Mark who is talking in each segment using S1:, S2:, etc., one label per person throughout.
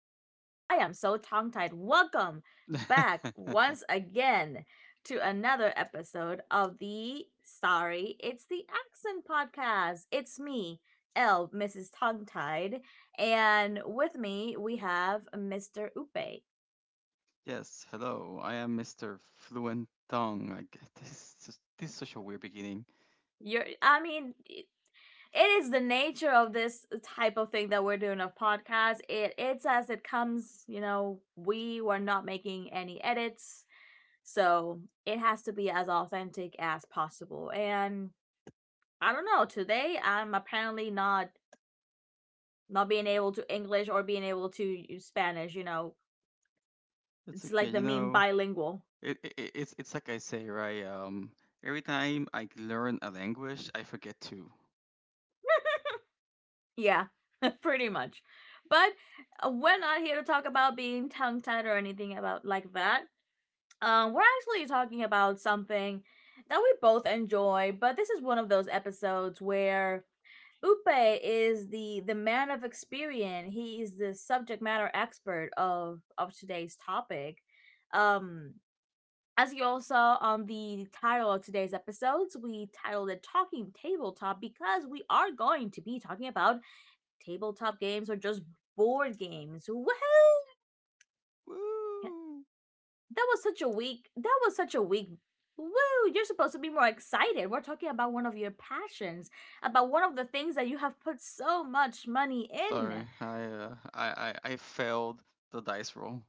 S1: I am so tongue tied. Welcome back once again to another episode of the Sorry, It's the Accent podcast. It's me, L, Mrs. Tongue Tied, and with me we have Mr. Upe.
S2: Yes, hello. I am Mr. Fluent Tongue. This is such a weird beginning.
S1: You're, I mean, it is the nature of this type of thing that we're doing of podcast. It's as it comes, you know, we were not making any edits. So it has to be as authentic as possible. And I don't know, today I'm apparently not being able to English or being able to use Spanish, you know.
S2: It's
S1: It's like
S2: okay,
S1: the
S2: you
S1: meme
S2: know.
S1: bilingual.
S2: It's like I say, right? Every time I learn a language, I forget to.
S1: Yeah, pretty much. But we're not here to talk about being tongue tied or anything about like that. We're actually talking about something that we both enjoy, but this is one of those episodes where Upe is the man of experience. He is the subject matter expert of today's topic. Um, as you all saw on the title of today's episodes, we titled it "Talking Tabletop" because we are going to be talking about tabletop games or just board games. Woohoo!
S2: Woo!
S1: That was such a weak that was such a weak woo. You're supposed to be more excited. We're talking about one of your passions, about one of the things that you have put so much money in.
S2: Sorry, I failed the dice roll.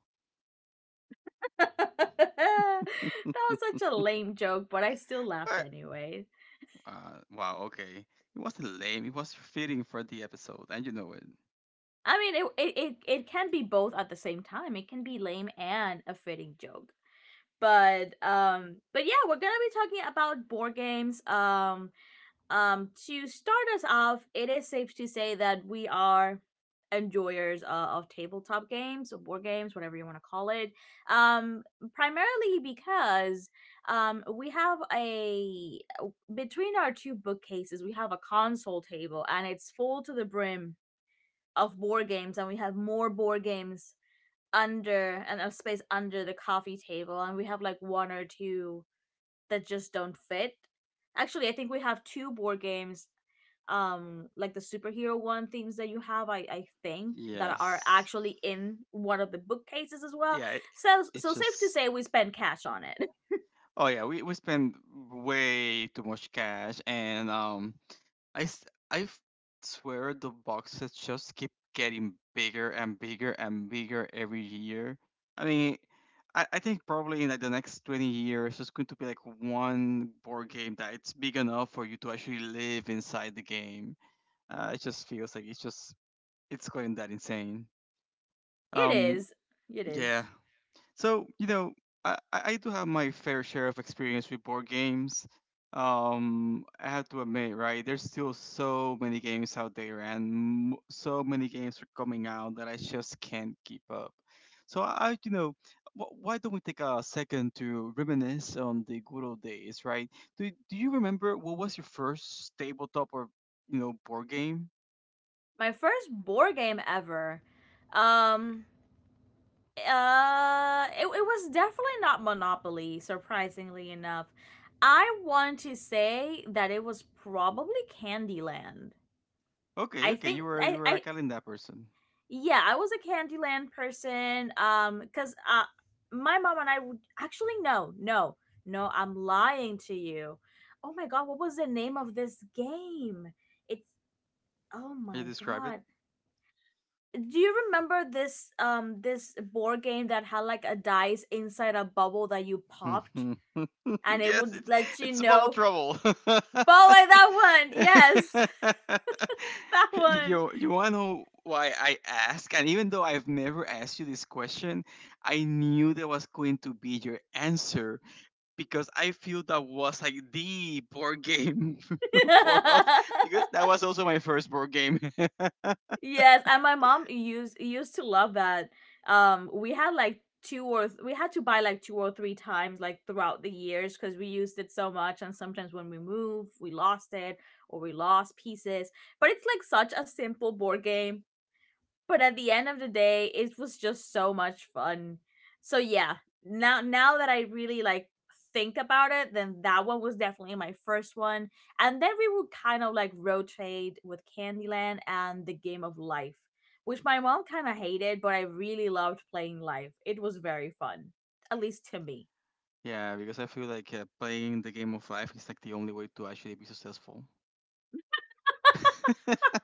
S1: That was such a lame joke, but I still laughed
S2: What?
S1: anyway.
S2: Wow. Okay, it wasn't lame. It was fitting for the episode, and you know it.
S1: I mean it can be both at the same time. It can be lame and a fitting joke. But yeah, we're gonna be talking about board games. To start us off, it is safe to say that we are enjoyers of tabletop games, or board games, whatever you want to call it. Um, Primarily because we have a, between our two bookcases, we have a console table, and it's full to the brim of board games, and we have more board games under, and a space under the coffee table, and we have like one or two that just don't fit. Actually, I think we have two board games, like the superhero one themes that you have. I think that are
S2: Yes.
S1: actually in one of the bookcases as well.
S2: Yeah. It,
S1: So
S2: it's
S1: so safe to
S2: just
S1: say we spend cash on it.
S2: Oh yeah, we spend way too much cash, and I s- I f- swear the boxes just keep getting bigger and bigger and bigger every year. I mean, I think probably in like the next 20 years, there's going to be like one board game that it's big enough for you to actually live inside the game. It just feels like it's going that insane.
S1: It
S2: Um,
S1: is. It is.
S2: yeah. So you know, I do have my fair share of experience with board games. I have to admit, right? There's still so many games out there, and so many games are coming out that I just can't keep up. So I you know, wh- why don't we take a second to reminisce on the good old days, right? Do you remember what was your first tabletop or you know board game?
S1: My first board game ever. Um it was definitely not Monopoly, surprisingly enough. I want to say that it was probably Candyland.
S2: Okay,
S1: I
S2: okay,
S1: think
S2: you were a
S1: I
S2: calendar person.
S1: yeah, I was a Candyland person cuz my mom and I would actually, no, no. No, I'm lying to you. Oh my god, what was the name of this game? It's, oh
S2: Can you
S1: my
S2: describe it?
S1: god. Do you remember this this board game that had like a dice inside a bubble that you popped,
S2: Mhm.
S1: and it
S2: Yes,
S1: would
S2: it's
S1: let you
S2: it's bubble
S1: know,
S2: trouble.
S1: ball like that one? Yes, that one.
S2: You wanna know why I ask? And even though I've never asked you this question, I knew that was going to be your answer because I feel that was like the board game for us because that was also my first board game.
S1: Yes, and my mom used to love that. We had like we had to buy like two or three times like throughout the years because we used it so much, and sometimes when we moved we lost it, or we lost pieces. But it's like such a simple board game, but at the end of the day it was just so much fun. So yeah, now that I really like think about it, then that one was definitely my first one. And then we would kind of like rotate with Candyland and the Game of Life, which my mom kind of hated, but I really loved playing Life. It was very fun, at least to me.
S2: Yeah, because I feel like playing the game of life is like the only way to actually be successful.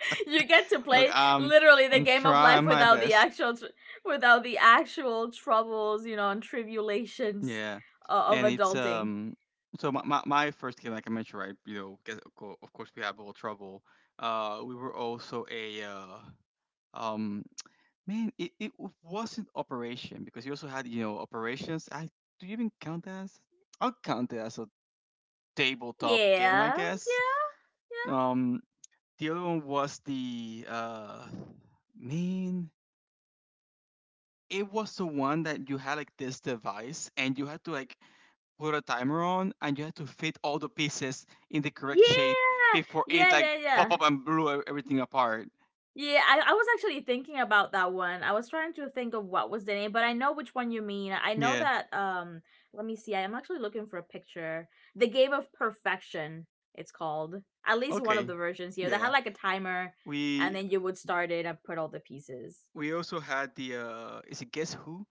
S1: You get to
S2: Look,
S1: play literally the
S2: I'm
S1: game of life
S2: trying my
S1: without the
S2: best.
S1: without the actual troubles, you know, and tribulations
S2: Yeah,
S1: of
S2: and it's
S1: adulting.
S2: so my first game, like I mentioned, right? You know, of course we had a little trouble. We were also a um, man, it wasn't operation because you also had you know operations. I do you even count that as? I'll count it as a tabletop game, I
S1: Yeah,
S2: guess.
S1: yeah,
S2: Um, the other one was the man. It was the one that you had like this device and you had to like put a timer on and you had to fit all the pieces in the correct shape
S1: yeah,
S2: before it
S1: yeah,
S2: like
S1: yeah, yeah.
S2: pop
S1: Yeah,
S2: up and everything apart.
S1: yeah, I was actually thinking about that one. I was trying to think of what was the name, but I know which one you mean. I know
S2: Yeah.
S1: that, let me see. I am actually looking for a picture. The Game of Perfection, it's called. At least one of
S2: Okay.
S1: the versions here. They had
S2: Yeah.
S1: like a timer, and
S2: We
S1: then you would start it and put all the pieces.
S2: we also had the is it Guess Who?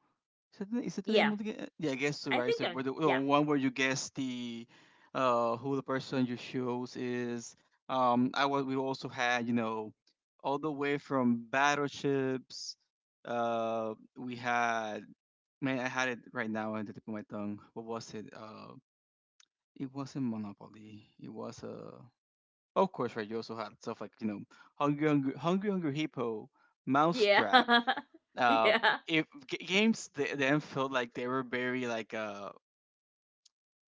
S2: Is that the name
S1: Yeah.
S2: of the game? Yeah, Guess Who,
S1: I
S2: right?
S1: think I,
S2: The
S1: yeah.
S2: one where you guess the who the person you chose is. I was we also had, you know, all the way from battleships we had. Man, I had it right now on the tip of my tongue. What was it? It wasn't Monopoly. It was oh, of course, right. You also had stuff like you know, Hungry Hungry Hippo, Mousetrap.
S1: Yeah.
S2: Uh,
S1: Yeah.
S2: if g- games th- Then felt like they were very like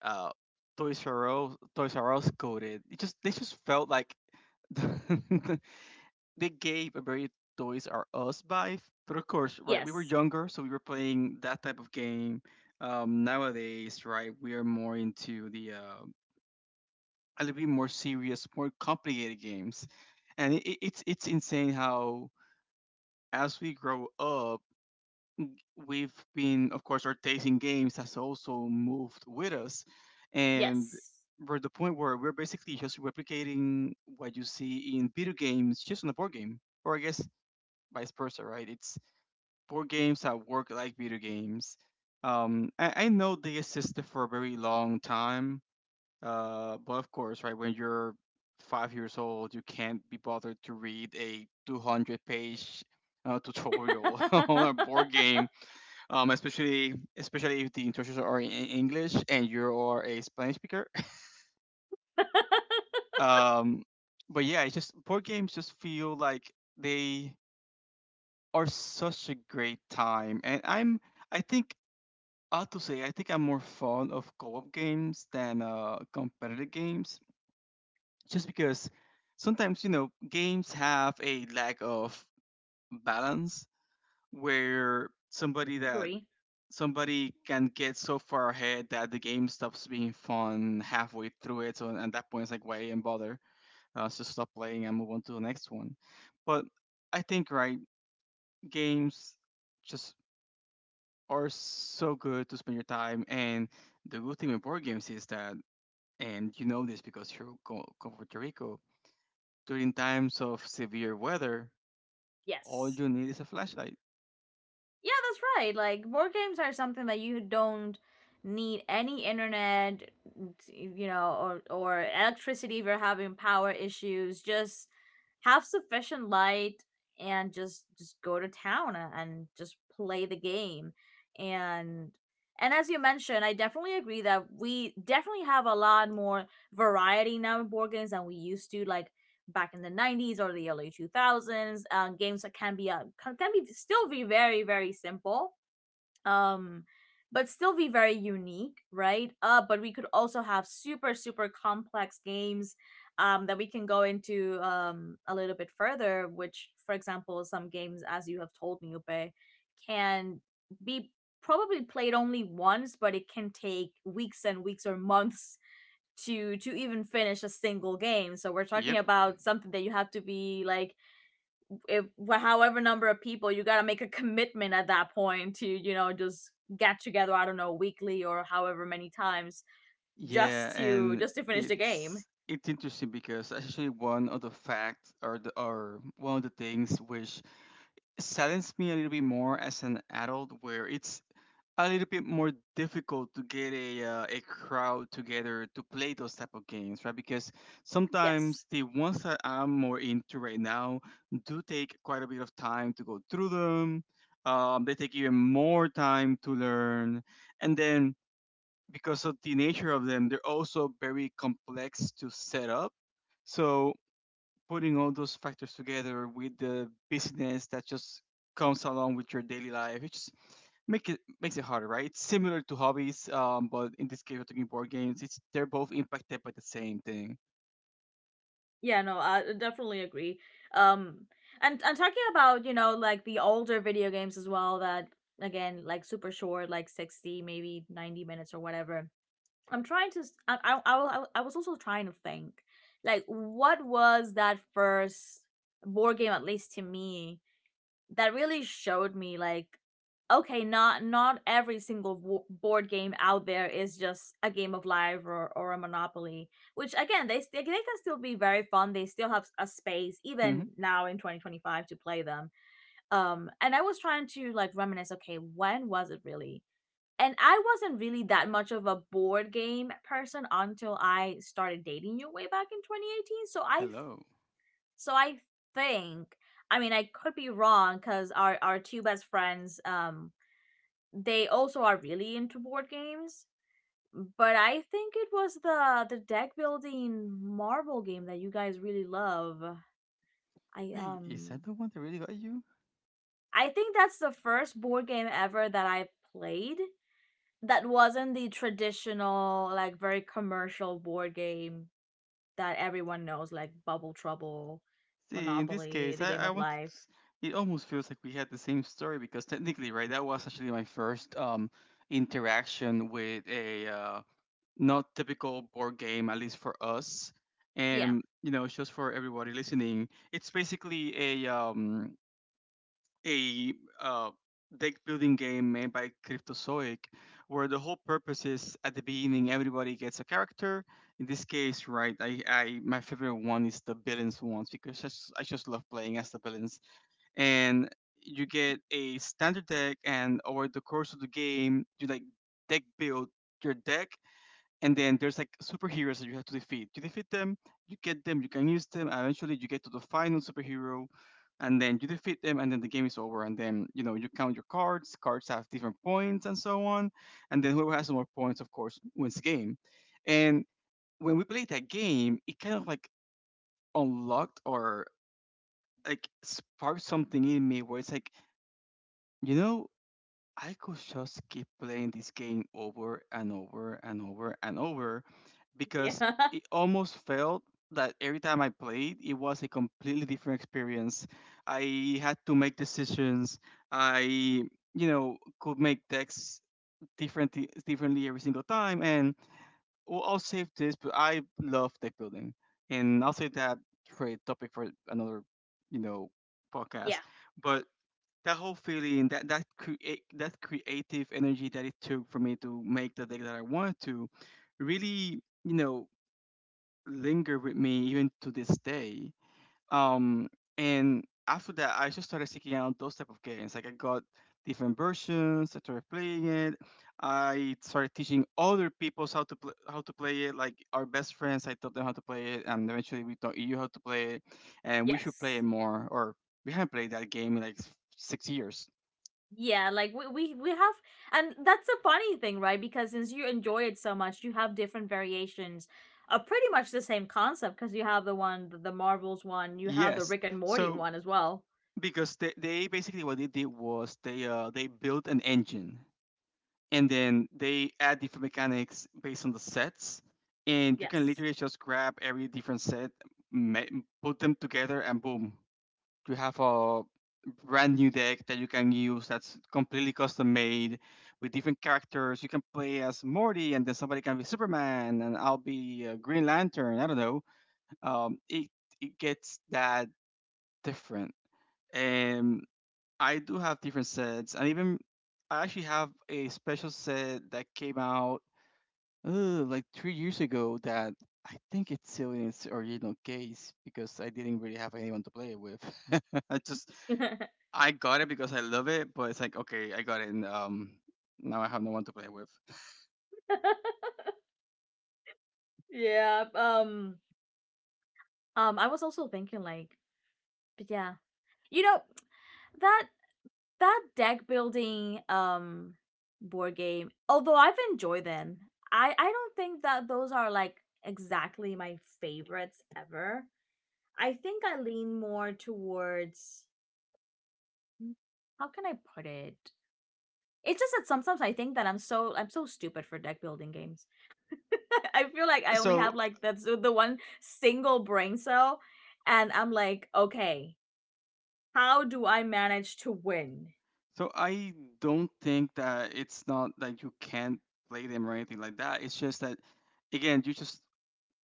S2: uh Toys R Us coded. It just They just felt like they gave a very Toys R Us vibe. But of course, right, we were
S1: Yes.
S2: younger, so we were playing that type of game. Nowadays, right, we are more into the a little bit more serious, more complicated games, and it's insane how as we grow up, we've been, of course, our taste in games has also moved with us, and
S1: Yes.
S2: we're at the point where we're basically just replicating what you see in video games, just on a board game, or I guess vice versa, right? It's board games that work like video games. I know they existed for a very long time, but of course, right when you're 5 years old, you can't be bothered to read a 200-page tutorial on a board game, especially if the instructions are in English and you are a Spanish speaker. Um, but yeah, it's just board games just feel like they are such a great time, and I'm I think I have to say, I think I'm more fond of co-op games than competitive games, just because sometimes you know games have a lack of balance where
S1: Agree.
S2: somebody can get so far ahead that the game stops being fun halfway through it. So at that point, it's like, why even bother? Let's just stop playing and move on to the next one. But I think right games just are so good to spend your time, and the good thing with board games is that. And you know this because you come from Puerto Rico. During times of severe weather, all
S1: Yes.
S2: you need is a flashlight.
S1: Yeah, that's right. Like board games are something that you don't need any internet, you know, or electricity if you're having power issues. Just have sufficient light and just go to town and just play the game. And and as you mentioned, I definitely agree that we definitely have a lot more variety now in board games than we used to. Like back in the 90s or the early 2000s, games that can be can be still be very simple, um but still be very unique, right? But we could also have super super complex games, that we can go into a little bit further, which, for example, some games, as you have told me, Upe, can be probably played only once, but it can take weeks and weeks or months to even finish a single game. So we're talking
S2: Yep.
S1: about something that you have to be like, if however number of people, you got to make a commitment at that point to, you know, just get together, I don't know, weekly or however many times
S2: Yeah,
S1: just to
S2: and
S1: just to finish the game.
S2: it's interesting because actually one of the facts, or or one of the things which saddens me a little bit more as an adult, where it's a little bit more difficult to get a crowd together to play those type of games, right? Because
S1: Yes.
S2: sometimes the ones that I'm more into right now do take quite a bit of time to go through them. They take even more time to learn, and then because of the nature of them, they're also very complex to set up. So putting all those factors together with the busyness that just comes along with your daily life, it makes it harder, right? It's similar to hobbies, but in this case, we're talking board games. It's they're both impacted by the same thing.
S1: Yeah, no, I definitely agree. um and talking about, you know, like the older video games as well, that again, like super short, like 60, maybe 90 minutes or whatever. I'm trying to. I I was also trying to think, like, what was that first board game, at least to me, that really showed me, like, okay, not every single board game out there is just a Game of Life or a Monopoly. Which again, they can still be very fun. They still have a space even
S2: Hmm.
S1: now in 2025 to play them. And I was trying to like reminisce. Okay, when was it really? And I wasn't really that much of a board game person until I started dating you way back in 2018. So I
S2: Hello.
S1: so I think, I mean, I could be wrong, cuz our two best friends, they also are really into board games, but I think it was the deck building marble game that you guys really love. I
S2: Wait, is
S1: um
S2: that the one that really got you?
S1: I think that's the first board game ever that I played that wasn't the traditional like very commercial board game that everyone knows, like Bubble Trouble,
S2: See, in this
S1: Monopoly,
S2: case,
S1: The Game
S2: I
S1: of
S2: wanted. To,
S1: Life.
S2: s- it almost feels like we had the same story because technically, right, that was actually my first interaction with a not typical board game, at least for us.
S1: Yeah.
S2: And you know, just for everybody listening, it's basically a a uh, deck building game made by Cryptozoic, where the whole purpose is at the beginning everybody gets a character. In this case, right, I my favorite one is the villains ones because I just love playing as the villains. And you get a standard deck, and over the course of the game, you like deck build your deck, and then there's like superheroes that you have to defeat. You defeat them, you get them, you can use them. And Eventually, you get to the final superhero, and then you defeat them, and then the game is over. And then you know you count your cards. Cards have different points, and so on. And then whoever has more points, of course, wins the game. And when we played that game, it kind of like unlocked or like sparked something in me where it's like, you know, I could just keep playing this game over and over and over and over
S1: Yeah.
S2: because it almost felt that every time I played, it was a completely different experience. I had to make decisions. I, you know, could make decks different differently every single time. And well, I'll save this, but I love deck building, and I'll save that for a topic for another, you know,
S1: Yeah.
S2: podcast. But that whole feeling, that creative energy that it took for me to make the deck that I wanted to really you know linger with me even to this day, um, and after that I just started seeking out those type of games. Like I got different versions, I started playing it, I started teaching other people how to play it, like our best friends. I taught them how to play it, and eventually we taught you how to play it, and we should play
S1: Yes.
S2: it more, or we haven't played that game in like 6 years.
S1: Yeah, like we have, and that's a funny thing, right? Because since you enjoy it so much, you have different variations of pretty much the same concept, because you have the one, the Marvels one, you have the
S2: Yes.
S1: Rick and Morty
S2: So
S1: one as well.
S2: they basically what they did was they built an engine, and then they add different mechanics based on the sets, and you can
S1: Yes.
S2: literally just grab every different set, ma- put them together and boom, you have a brand new deck that you can use that's completely custom made with different characters. You can play as Morty and then somebody can be Superman, and I'll be Green Lantern. I don't know. Um, it it gets that different, and I do have different sets, and even I actually have a special set that came out like 3 years ago that I think it's still in its original case because I didn't really have anyone to play it with. I just I got it because I love it, but it's like okay, I got it, and now I have no one to play it with.
S1: Yeah. I was also thinking like, but yeah, you know, that that deck building board game, although I've enjoyed them, I don't think that those are like exactly my favorites ever. I think I lean more towards, hmm, how can I put it? It's just that sometimes I think that I'm so stupid for deck building games. I feel like I only have
S2: So
S1: like that's the one single brain cell, and I'm like, okay, how do I manage to win?
S2: so I don't think that it's not that you can't play them or anything like that. It's just that again, you just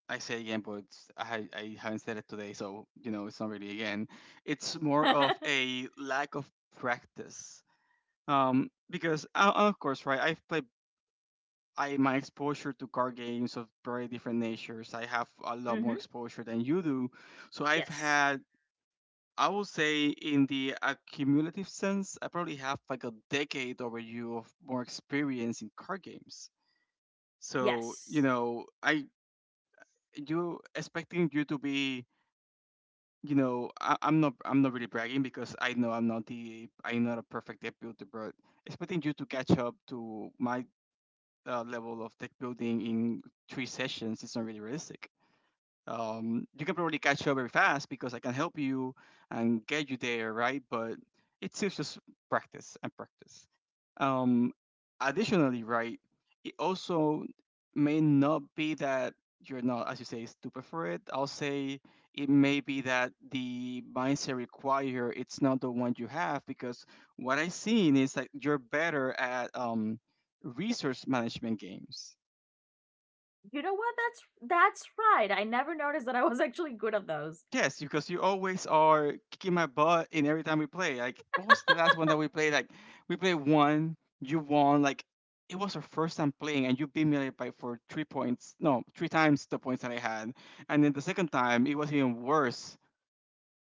S2: I say again, but I haven't said it today, so you know it's not really again. It's more of a lack of practice. Because of course, right? I've played. I My exposure to card games of very different natures. I have a lot more
S1: Mhm.
S2: exposure than you do, so I've
S1: Yes.
S2: had. I would say, in the accumulative sense, I probably have like a decade over you of more experience in card games. So you
S1: Yes.
S2: know, I you expecting you to be you know, I'm not really bragging because I know I'm not a perfect deck builder, but expecting you to catch up to my level of deck building in three sessions is not really realistic. You can probably catch up very fast because I can help you and get you there, right? But it's still just practice and practice. Um, Additionally, right, it also may not be that you're not, as you say, stupid for it. I'll say it may be that the mindset required it's not the one you have because what I've seen is that you're better at resource management games.
S1: You know what? That's right. I never noticed that I was actually good at those.
S2: Yes, because you always are kicking my butt in every time we play. Like, what was the last one that we played? Like, we played one, you won. Like, it was our first time playing, and you beat me like, by for 3 points. No, 3 times the points that I had. And then the second time, it was even worse.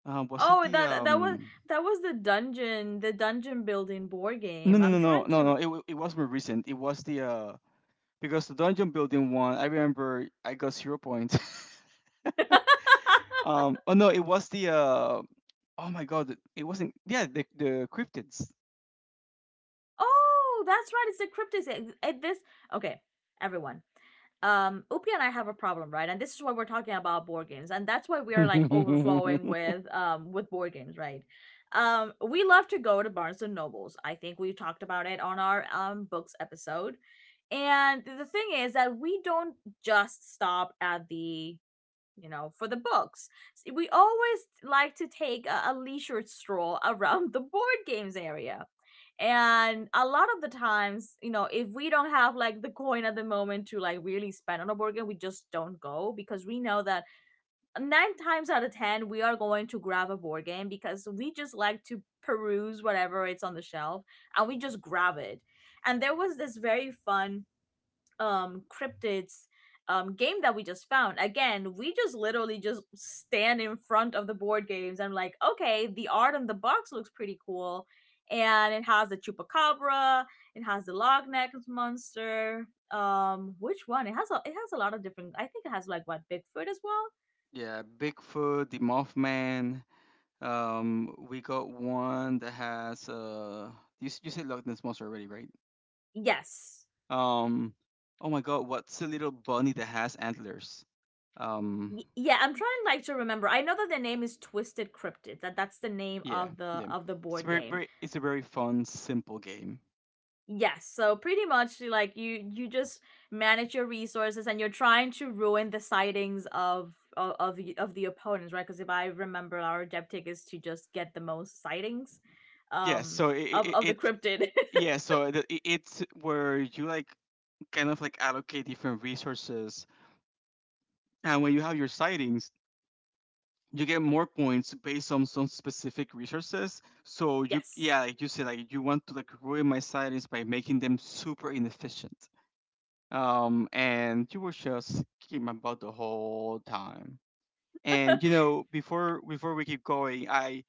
S2: Was it
S1: Oh,
S2: the
S1: that
S2: um?
S1: that was the dungeon building board
S2: No,
S1: game.
S2: no, no,
S1: I'm
S2: no,
S1: trying
S2: no,
S1: to.
S2: no. It it was more recent. It was the because the dungeon building one. I remember I got 0 points. Oh no, it was the Oh my God, it wasn't. Yeah, the cryptids.
S1: Oh, that's right. It's the cryptids. It- this okay, everyone. Upi and I have a problem, right? And this is why we're talking about board games, and that's why we are like overflowing with board games, right? We love to go to Barnes and Nobles. I think we talked about it on our books episode. And the thing is that we don't just stop at the, you know, for the books. We always like to take a leisure stroll around the board games area. And a lot of the times, you know, if we don't have like the coin at the moment to like really spend on a board game, we just don't go, because we know that nine times out of ten, we are going to grab a board game because we just like to peruse whatever it's on the shelf and we just grab it. And there was this very fun cryptids game that we just found. Again, we just literally just stand in front of the board games and like, okay, the art on the box looks pretty cool, and it has the chupacabra, it has the log neck monster, which one, it has a lot of different, I think it has like what, bigfoot as well?
S2: Yeah, Bigfoot, the Mothman. We got one that has you you said Loch Ness monster already, right?
S1: Yes.
S2: Um, oh my God, what's the little bunny that has antlers? Um,
S1: Yeah, I'm trying like to remember. I know that the name is Twisted Cryptid, that's the name
S2: yeah,
S1: of the
S2: yeah.
S1: of the
S2: It's
S1: board
S2: very,
S1: game.
S2: very it's a very fun, simple game.
S1: Yes, so pretty much you like you just manage your resources and you're trying to ruin the sightings of the opponents, right? Because if I remember, our objective is to just get the most sightings,
S2: Yeah,
S1: um,
S2: so it
S1: of
S2: it,
S1: of the
S2: it
S1: cryptid.
S2: yeah, so it's where you like kind of like allocate different resources, and when you have your sightings, you get more points based on some specific resources. So you
S1: Yes.
S2: yeah, like you said, like you want to like ruin my silence by making them super inefficient. And you were just keeping about the whole time. And you know, before we keep going, I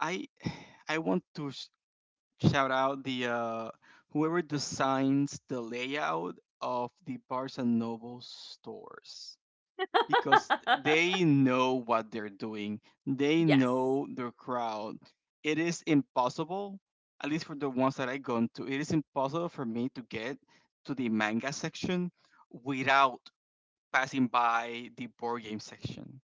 S2: I I want to shout out the whoever designs the layout of the Barnes and Noble stores because they know what they're doing. They
S1: Yes,
S2: know their crowd. It is impossible, at least for the ones that I gone to, it is impossible for me to get to the manga section without passing by the board game section.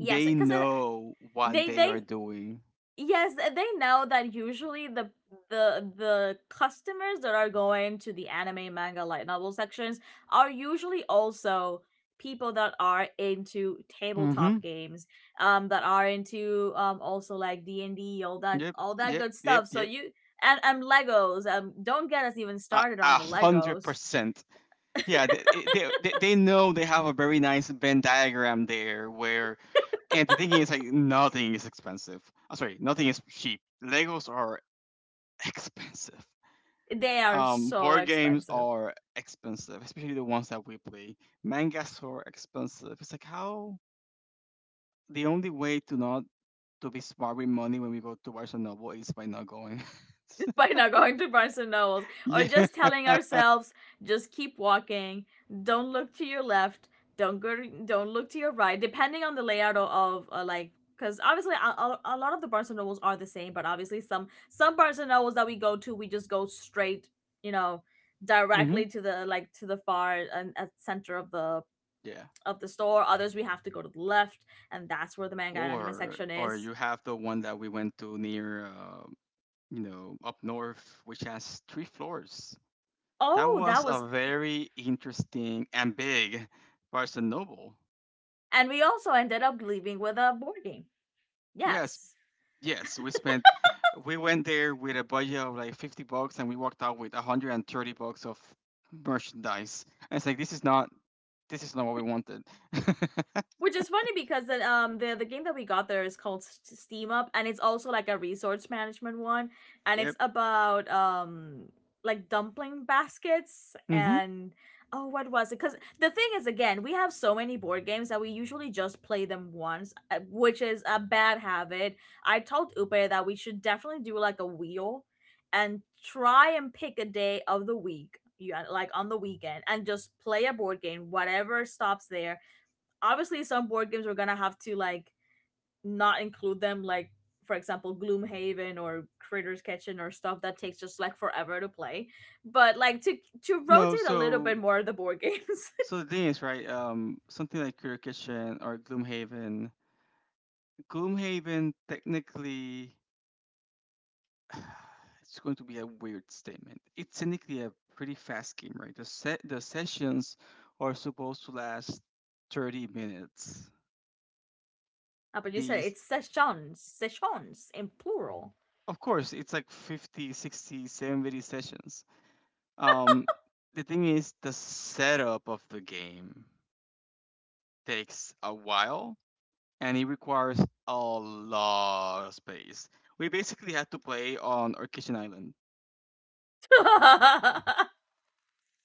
S1: yes, because
S2: know what they
S1: they
S2: are doing.
S1: yes, and they know that usually the customers that are going to the anime, manga, light novel sections are usually also people that are into tabletop
S2: Mm-hmm.
S1: games, that are into also like D and D, all that
S2: Yep. Yep.
S1: good
S2: Yep.
S1: stuff. So
S2: Yep.
S1: you and Legos. Don't get us even
S2: A
S1: started on
S2: a
S1: the
S2: hundred
S1: Legos.
S2: percent. Yeah, they know they have a very nice Venn diagram there where And the thing is, like, nothing is expensive. I'm sorry, nothing is cheap. Legos are expensive.
S1: They are so
S2: Board games
S1: expensive.
S2: are expensive, especially the ones that we play. Mangas are expensive. It's like how the only way to not to be smart with money when we go to watch a novel is by not going.
S1: By not going to Barnes and Nobles or
S2: Yeah.
S1: just telling ourselves just keep walking, don't look to your left, don't go, don't look to your right, depending on the layout of, like, because obviously lot of the Barnes and Nobles are the same, but obviously some Barnes and Nobles that we go to, we just go straight, you know,
S2: Hmm.
S1: directly to the like to the far and at center of the
S2: Yeah.
S1: store. Others we have to go to the left, and that's where the manga and anime section
S2: Or
S1: is.
S2: you have the one that we went to near, you know, up north, which has 3 floors. That
S1: Oh, that
S2: was
S1: was,
S2: a very interesting and big Barnes& and Noble.
S1: and we also ended up leaving with a board game.
S2: Yes,
S1: Yes.
S2: yes, we went there with a budget of like 50 bucks and we walked out with 130 bucks of merchandise. And it's like this is not what we wanted.
S1: Which is funny because the the game that we got there is called Steam Up, and it's also like a resource management one, and
S2: Yep.
S1: it's about like dumpling baskets,
S2: Mhm.
S1: and oh what was it, cuz the thing is again, we have so many board games that we usually just play them once, which is a bad habit. I told Upe that we should definitely do like a wheel and try and pick a day of the week, you like on the weekend, and just play a board game whatever stops there. Obviously some board games we're gonna have to like not include them, like for example Gloomhaven or Critter's Kitchen, or stuff that takes just like forever to play, but like to
S2: No,
S1: rotate a little bit
S2: so
S1: more of the board games.
S2: so the thing is, right, something like Cure Kitchen or Gloomhaven. Gloomhaven technically it's going to be a weird statement. It's technically a pretty fast game, right? The sessions are supposed to last 30 minutes.
S1: Ah, but you said
S2: These
S1: it's sessions, sessions in plural.
S2: of course, it's like 50, 60, 70 sessions. Um the thing is the setup of the game takes a while and it requires a lot of space. We basically had to play on Orchid Island.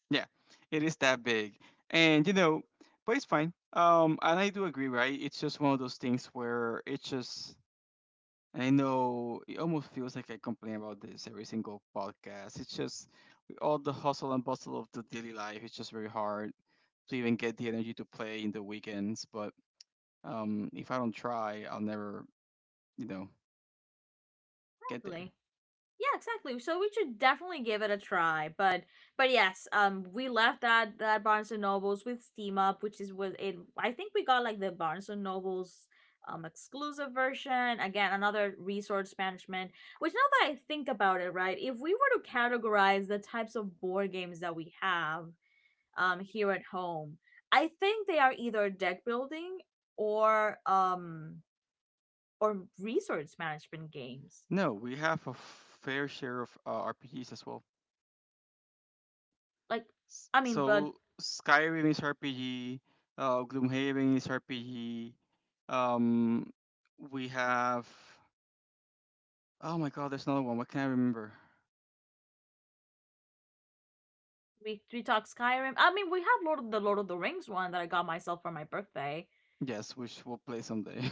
S2: Yeah, it is that big. And you know, but it's fine. And I do agree, right? It's just one of those things where it's just and I know it almost feels like I complain about this every single podcast. It's just with all the hustle and bustle of the daily life, it's just very hard to even get the energy to play in the weekends. But if I don't try, I'll never, you know, get there.
S1: Exactly. Yeah, exactly. So we should definitely give it a try. But yes, we left that that Barnes and Nobles with Steam Up, which is was it. I think we got like the Barnes and Nobles exclusive version. Again, another resource management. Which now that I think about it, right, if we were to categorize the types of board games that we have here at home, I think they are either deck building or um or resource management games.
S2: No, we have a fair share of RPGs as well.
S1: Like I mean, but
S2: So Skyrim is RPG, Gloomhaven is RPG. Um, we have oh my god, there's another one. What can I remember?
S1: we talked Skyrim. I mean, we have Lord of the Rings one that I got myself for my birthday.
S2: Yes, which we'll play someday.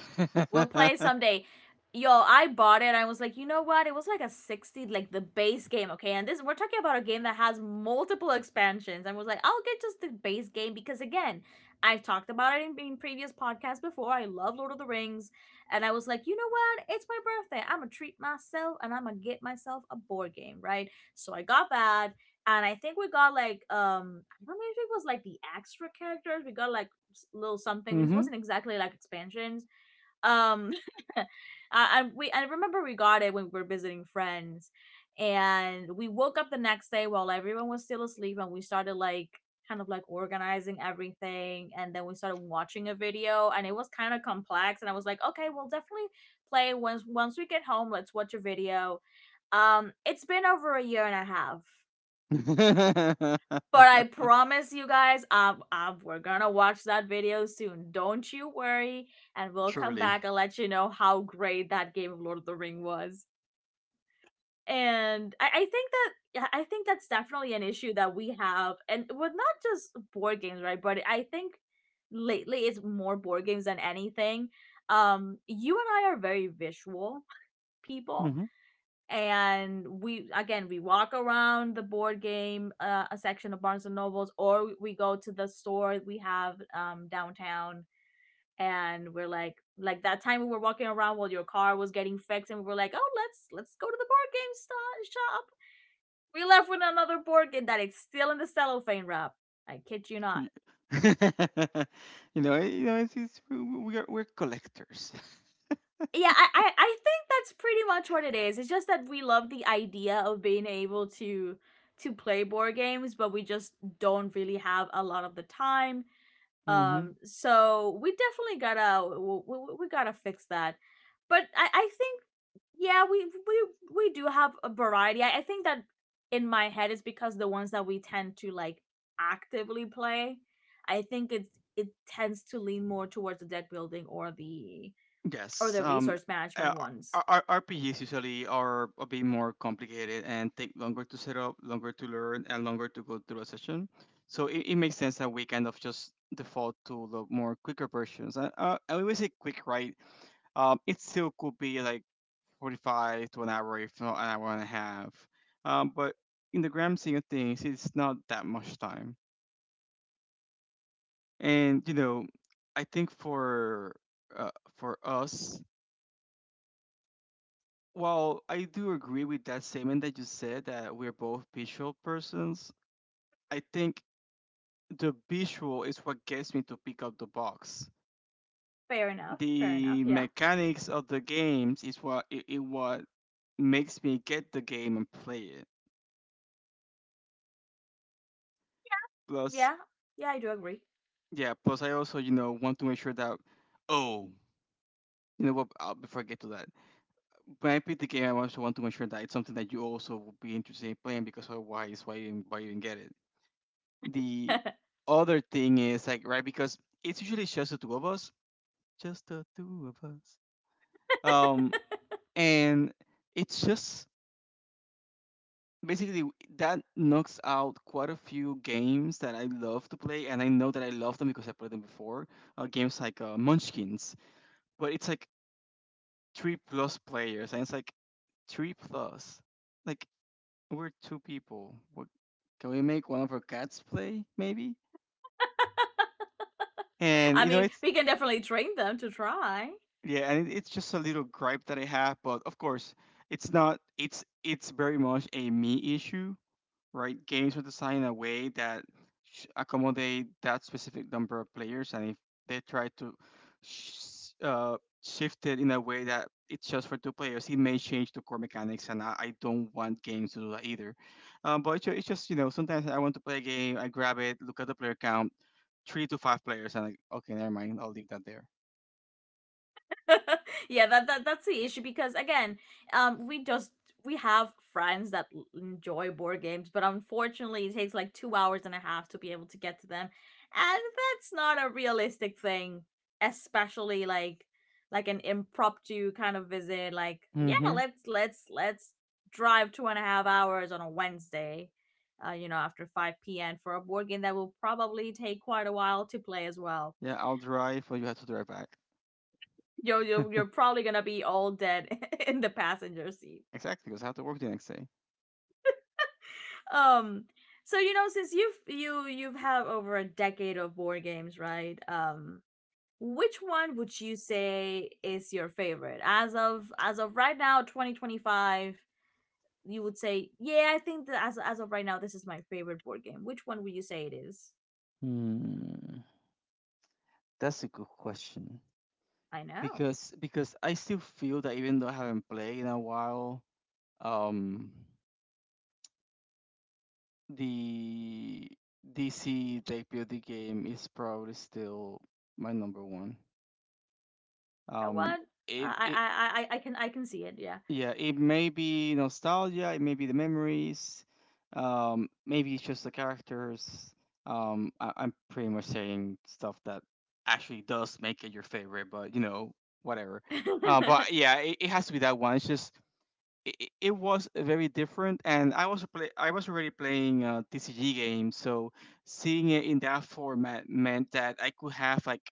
S1: We'll play someday. Yo, I bought it. I was like, you know what? It was like a 60, like the base game, okay? And this, we're talking about a game that has multiple expansions. I was like, I'll get just the base game because, again, I've talked about it in previous podcasts before. I love Lord of the Rings. And I was like, you know what? It's my birthday. I'm going to treat myself and I'm going to get myself a board game, right? So I got that. And I think we got like, I don't know if it was like the extra characters. We got like little something. This
S2: Mm-hmm.
S1: wasn't exactly like expansions, um, I, I remember we got it when we were visiting friends, and we woke up the next day while everyone was still asleep, and we started like kind of like organizing everything, and then we started watching a video, and it was kind of complex, and I was like, okay, we'll definitely play once we get home. Let's watch a video. It's been over a year and a half, but I promise you guys, we're gonna watch that video soon. Don't you worry, and we'll come
S2: Truly.
S1: back and let you know how great that game of Lord of the Ring was. And I think that yeah, I think that's definitely an issue that we have, and with not just board games, right? But I think lately it's more board games than anything. You and I are very visual people,
S2: Mm-hmm.
S1: and we again we walk around the board game a section of Barnes and Nobles, or we go to the store we have downtown, and we're like that time we were walking around while your car was getting fixed, and we were like, oh let's go to the board game shop. We left with another board game that it's still in the cellophane wrap. I kid you not.
S2: You know, you know, it's we are we're collectors.
S1: Yeah, I think that's pretty much what it is. It's just that we love the idea of being able to play board games, but we just don't really have a lot of the time.
S2: Mm-hmm.
S1: So we definitely gotta we gotta fix that. But I think yeah we do have a variety. I think that in my head is because the ones that we tend to like actively play, I think it tends to lean more towards the deck building or
S2: Yes.
S1: the resource
S2: Uh,
S1: management ones.
S2: RPGs usually are a bit more complicated and take longer to set up, longer to learn, and longer to go through a session. So it makes sense that we kind of just default to the more quicker versions. And when we say quick, right? It still could be like 45 to an hour, if not 1.5 hours. But in the grand scheme of things, it's not that much time. And, you know, I think uh, for us, well, I do agree with that statement that you said that we're both visual persons. I think the visual is what gets me to pick up the box.
S1: Fair enough. Fair enough.
S2: The
S1: Yeah.
S2: mechanics of the games is what it what makes me get the game and play it. Plus,
S1: Yeah. Yeah, I do agree.
S2: yeah, plus I also, you know, want to make sure that oh, you know what, before I get to that, when I pick the game, I also want to make sure that it's something that you also will be interested in playing because otherwise, why even get it? The other thing is like right because it's usually just the two of us, just the two of us. Um, and it's just basically that knocks out quite a few games that I love to play, and I know that I love them because I played them before. Games like Munchkins, but it's like 3+ players, and it's like three plus. Like we're two people. What, can we make one of our cats play maybe? And
S1: I
S2: you know
S1: mean,
S2: it's
S1: we can definitely train them to try.
S2: yeah, and it, it's just a little gripe that I have, but of course, it's not. It's very much a me issue, right? Games are designed in a way that accommodate that specific number of players, and if they try to sh- uh, shift it in a way that it's just for two players, it may change the core mechanics, and I don't want games to do that either. But it's just you know sometimes I want to play a game, I grab it, look at the player count, 3 to 5 players, and like okay, never mind, I'll leave that there.
S1: Yeah, that's the issue because again, we just we have friends that enjoy board games, but unfortunately, it takes like 2 hours and a half to be able to get to them, and that's not a realistic thing, especially like an impromptu kind of visit. Like, yeah,
S2: Mm-hmm.
S1: let's drive two and a half hours on a Wednesday. You know, after 5 p.m. for a board game that will probably take quite a while to play as well.
S2: Yeah, I'll drive, but you have to drive back.
S1: You're probably gonna be all dead in the passenger seat.
S2: Exactly, because I have to work the next day.
S1: um so you know, since you've had over a decade of board games, right? Which one would you say is your favorite as of right now, 2025? You would say, yeah, I think that as of right now this is my favorite board game. Which one would you say it is?
S2: Hmm. That's a good question.
S1: I know.
S2: Because I still feel that even though I haven't played in a while, um, the DC deck building game is probably still my number one.
S1: You know
S2: Um,
S1: what?
S2: it it
S1: I can see it, yeah.
S2: yeah, it may be nostalgia, it may be the memories, maybe it's just the characters. I'm pretty much saying stuff that actually does make it your favorite, but you know whatever.
S1: Yeah.
S2: But yeah, it has to be that one. It's just it was very different and I was already playing tcg games so seeing it in that format meant that I could have like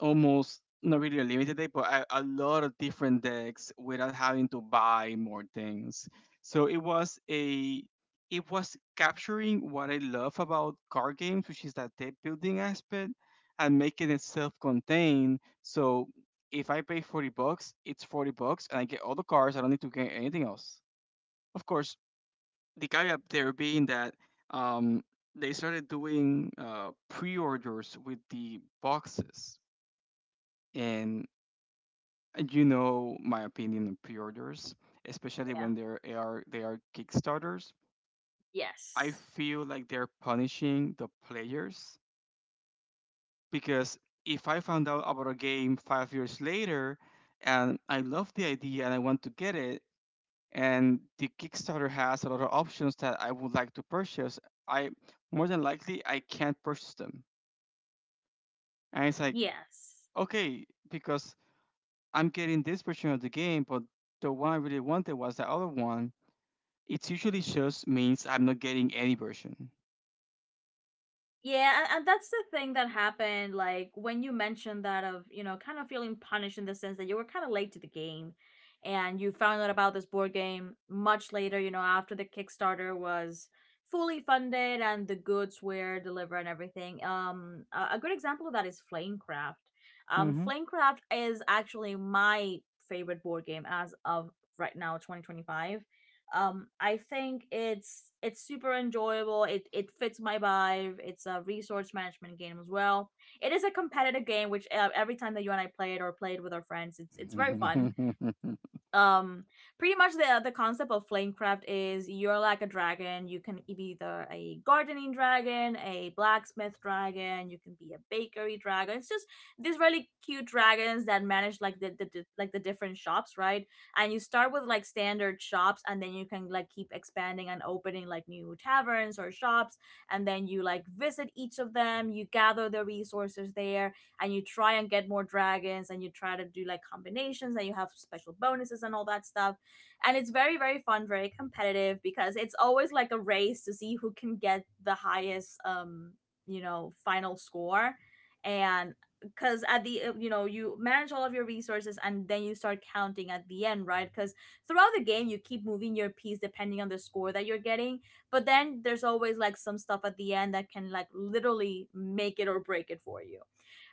S2: almost not really a limited deck, but a lot of different decks without having to buy more things. So it was capturing what I love about card games, which is that deck building aspect, and making it self-contained. So if I pay $40, it's $40, and I get all the cards. I don't need to get anything else. Of course, the caveat there being that um, they started doing pre-orders with the boxes, and and you know my opinion on pre-orders, especially when they are Kickstarters. I
S1: Yes.
S2: feel like they're punishing the players because if I found out about a game 5 years later and I love the idea and I want to get it, and the Kickstarter has a lot of options that I would like to purchase, I more than likely I can't purchase them. And it's like,
S1: Yes.
S2: okay, because I'm getting this version of the game, but the one I really wanted was the other one. It usually just means I'm not getting any version.
S1: Yeah, and that's the thing that happened. Like when you mentioned that of you know kind of feeling punished in the sense that you were kind of late to the game, and you found out about this board game much later. You know, after the Kickstarter was fully funded and the goods were delivered and everything. A good example of that is Flamecraft.
S2: Mm-hmm.
S1: Flamecraft is actually my favorite board game as of right now, 2025. I think it's super enjoyable, it fits my vibe, it's a resource management game as well. It is a competitive game which, every time that you and I play it or play it with our friends, it's very fun. um pretty much the concept of Flamecraft is you're like a dragon, you can be either a gardening dragon, a blacksmith dragon, you can be a bakery dragon. It's just these really cute dragons that manage like the like the different shops, right? And you start with like standard shops, and then you can like keep expanding and opening like new taverns or shops, and then you like visit each of them, you gather the resources there, and you try and get more dragons, and you try to do like combinations, and you have special bonuses and all that stuff. And it's very, very fun, very competitive, because it's always like a race to see who can get the highest, you know, final score. And because at the you know you manage all of your resources, and then you start counting at the end, right? Because throughout the game you keep moving your piece depending on the score that you're getting, but then there's always like some stuff at the end that can like literally make it or break it for you.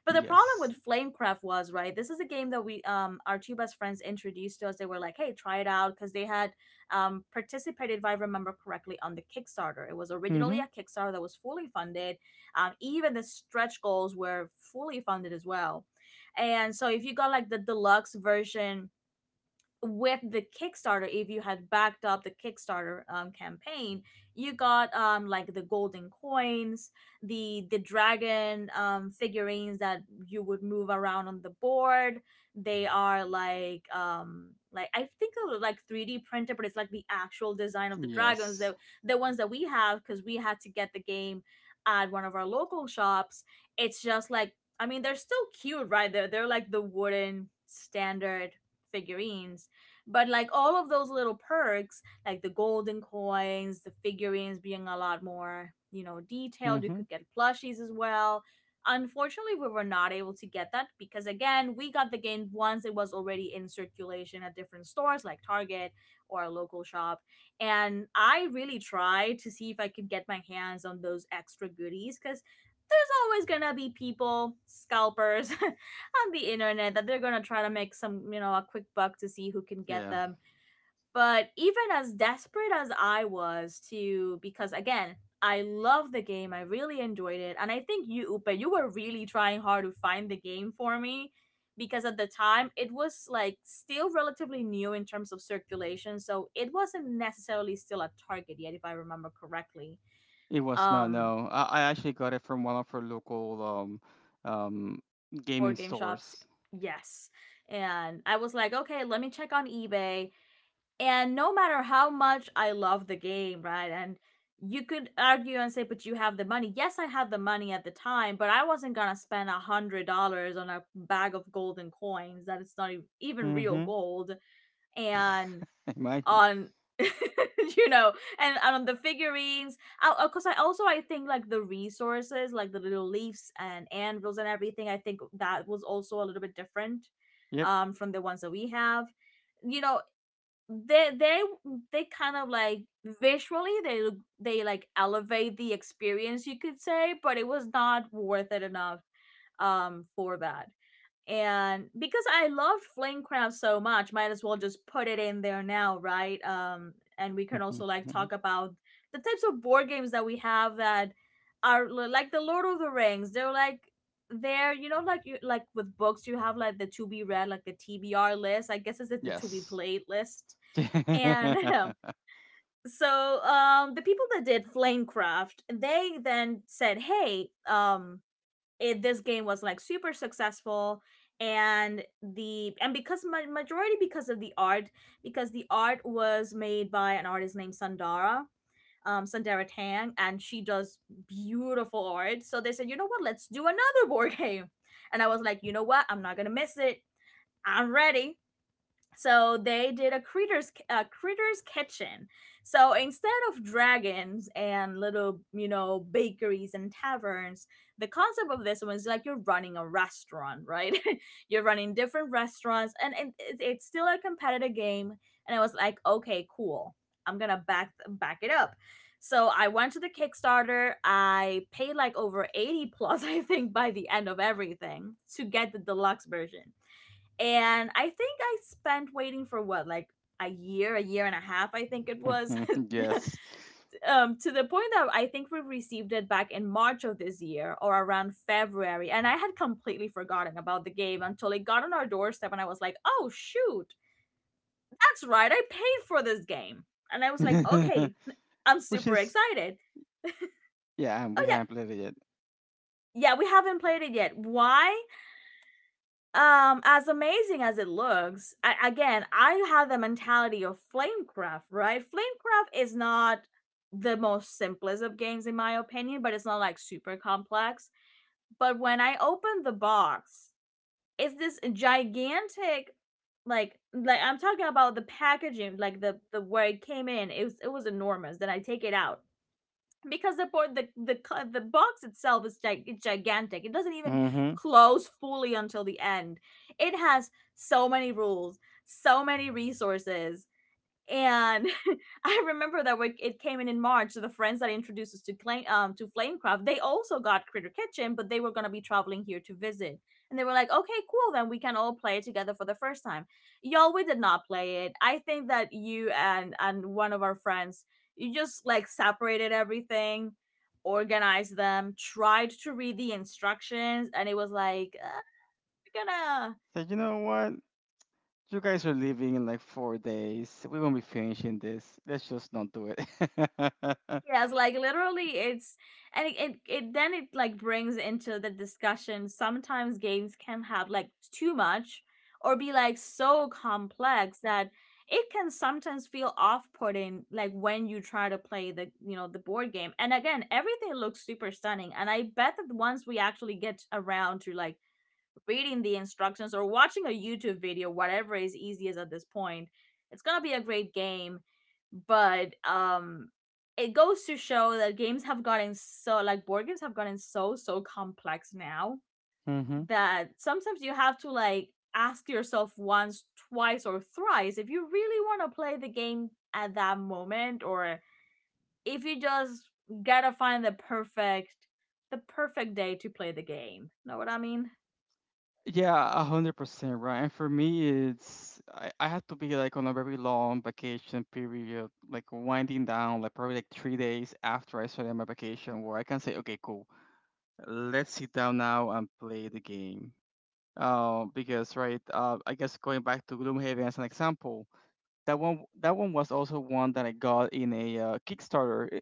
S1: But the problem
S2: Yes.
S1: with Flamecraft was, right, this is a game that we our two best friends introduced to us. They were like, "Hey, try it out," because they had participated, if I remember correctly, on the Kickstarter. It was originally
S2: Mm-hmm.
S1: a Kickstarter that was fully funded. Even the stretch goals were fully funded as well. And so if you got like the deluxe version with the Kickstarter, if you had backed up the Kickstarter campaign, you got like the golden coins, the dragon figurines that you would move around on the board. They are like I think they were like three D printed, but it's like the actual design of the dragons,
S2: Yes.
S1: the ones that we have, because we had to get the game at one of our local shops. It's just like, I mean, they're still cute, right? They're like the wooden standard figurines, but like all of those little perks, like the golden coins, the figurines being a lot more, you know, detailed, you
S2: Mm-hmm.
S1: could get plushies as well. Unfortunately, we were not able to get that because, again, we got the game once it was already in circulation at different stores like Target or a local shop. And I really tried to see if I could get my hands on those extra goodies because there's always gonna be people, scalpers, on the internet that they're gonna try to make some, you know, a quick buck to see who can get
S2: Yeah.
S1: them. But even as desperate as I was to, because again, I love the game, I really enjoyed it, and I think you, Upe, you were really trying hard to find the game for me because at the time it was like still relatively new in terms of circulation, so it wasn't necessarily still a target yet, if I remember correctly.
S2: It was not.
S1: Um,
S2: No, I actually got it from one of our local um um gaming
S1: Board game shops,
S2: stores.
S1: yes. And I was like, okay, let me check on eBay. And no matter how much I love the game, right? And you could argue and say, but you have the money. Yes, I had the money at the time, but I wasn't gonna spend $100 on a bag of golden coins that it's not e- even real
S2: Mm-hmm.
S1: gold, and
S2: Imagine.
S1: on you know, and on the figurines, because I also I think like the resources, like the little leaves and anvils and everything, I think that was also a little bit different
S2: Yep.
S1: from the ones that we have, you know. They they they kind of like visually they look, they like elevate the experience, you could say, but it was not worth it enough for that. And because I loved Flamecraft so much, might as well just put it in there now, right? And we can also like talk about the types of board games that we have that are like the Lord of the Rings. They're like, they're, you know, like you, like with books you have like the to be read, like the TBR list, I guess it's like the to be
S2: Yes.
S1: played list. And so the people that did Flamecraft, they then said, "Hey, it, this game was like super successful." And the and because ma- Majority because of the art, because the art was made by an artist named Sundara, Sundara Tang, and she does beautiful art. So they said, you know what, let's do another board game. And I was like, you know what, I'm not gonna miss it. I'm ready. So they did a Critters Kitchen. So instead of dragons and little, you know, bakeries and taverns, the concept of this was like you're running a restaurant, right? You're running different restaurants, and it's still a competitive game. And I was like, okay, cool, I'm gonna back it up. So I went to the Kickstarter, I paid like over 80 plus I think by the end of everything to get the deluxe version. And I think I spent waiting for what, like a year and a half, I think it was,
S2: yes.
S1: to the point that I think we received it back in March of this year or around February. And I had completely forgotten about the game until it got on our doorstep, and I was like, oh, shoot, that's right, I paid for this game. And I was like, okay, I'm
S2: Which
S1: super
S2: is,
S1: excited.
S2: yeah, and
S1: Oh,
S2: we
S1: yeah,
S2: haven't played it yet.
S1: yeah, we haven't played it yet. Why? As amazing as it looks, I, again, I have the mentality of Flamecraft, right? Flamecraft is not the most simplest of games in my opinion, but it's not like super complex. But when I open the box, it's this gigantic, like I'm talking about the packaging, like the where it came in, it was, it was enormous. Then I take it out because the port the box itself is it's gigantic. It doesn't even
S2: Mm-hmm.
S1: close fully until the end. It has so many rules, so many resources. And I remember that when it came in March, so the friends that introduced us to Clay, to Flamecraft, they also got Critter Kitchen, but they were gonna be traveling here to visit. And they were like, "Okay, cool, then we can all play it together for the first time." Y'all, we did not play it. I think that you and one of our friends, you just like separated everything, organized them, tried to read the instructions, and it was like, "We're gonna—"
S2: So you know what? You guys are leaving in like 4 days. We won't be finishing this. Let's just not do it.
S1: Yes, like literally, it's, and it then it like brings into the discussion. Sometimes games can have like too much or be like so complex that it can sometimes feel off-putting, like when you try to play the, you know, the board game, and again, everything looks super stunning, and I bet that once we actually get around to like reading the instructions or watching a YouTube video, whatever is easiest at this point. It's gonna be a great game, but it goes to show that games have gotten so like board games have gotten so so complex now,
S2: hmm
S1: that sometimes you have to like ask yourself once, twice, or thrice if you really want to play the game at that moment, or if you just gotta find the perfect, the perfect day to play the game. Know what I mean?
S2: Yeah, 100% right. And for me, it's I had to be like on a very long vacation period, like winding down, like probably like 3 days after I started my vacation, where I can say, okay, cool, let's sit down now and play the game. Because right, I guess going back to Gloomhaven as an example, that one was also one that I got in a Kickstarter.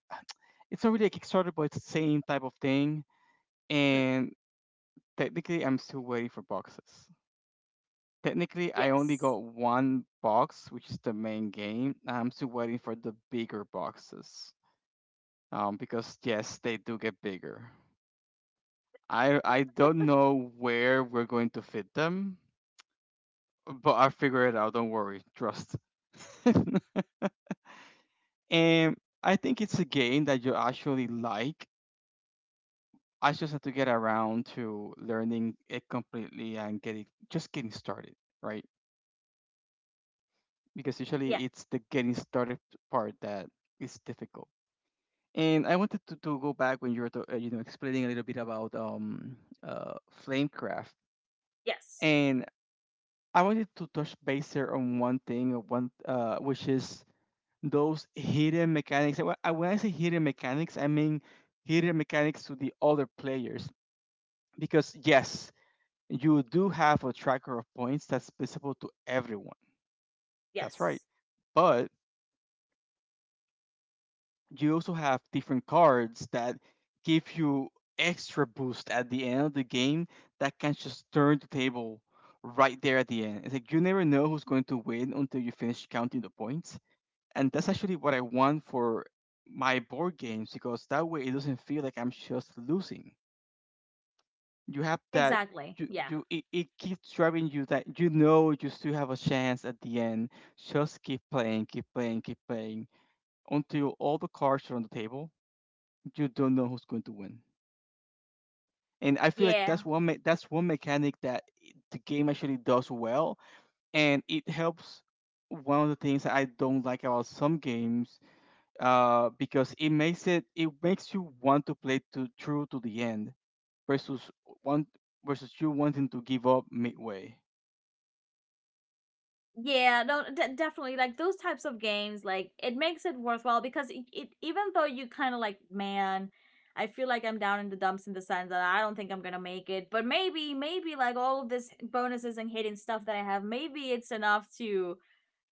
S2: It's not really a Kickstarter, but it's the same type of thing.
S1: Mhm.
S2: And technically, I'm still waiting for boxes. Technically, I only
S1: Yes.
S2: got one box, which is the main game. I'm still waiting for the bigger boxes. Because yes, they do get bigger. I don't know where we're going to fit them, but I'll figure it out. Don't worry, trust. And I think it's a game that you actually like. I just have to get around to learning it completely and getting just getting started, right? Because usually
S1: Yeah.
S2: it's the getting started part that is difficult. And I wanted to go back when you were to, you know, explaining a little bit about uh flamecraft,
S1: Yes.
S2: and I wanted to touch base there on one thing, one which is those hidden mechanics. And when I say hidden mechanics, I mean hidden mechanics to the other players. Because yes, you do have a tracker of points that's visible to everyone. That's right.
S1: Yes.
S2: But you also have different cards that give you extra boost at the end of the game that can just turn the table right there at the end. It's like you never know who's going to win until you finish counting the points. And that's actually what I want for my board games because that way it doesn't feel like I'm just losing. You have that.
S1: Exactly. Yeah.
S2: It keeps driving you that you know you still have a chance at the end. Just keep playing, keep playing, keep playing, until all the cards are on the table. You don't know who's going to win, and I feel like
S1: Yeah.
S2: that's that's one mechanic that the game actually does well, and it helps one of the things that I don't like about some games, because it makes you want to play to through to the end versus one versus you wanting to give up midway.
S1: Yeah, no, definitely. Like those types of games, like it makes it worthwhile because it, even though you kind of like, man, I feel like I'm down in the dumps in the sense that I don't think I'm gonna make it. But maybe, maybe like all of this bonuses and hidden stuff that I have, maybe it's enough to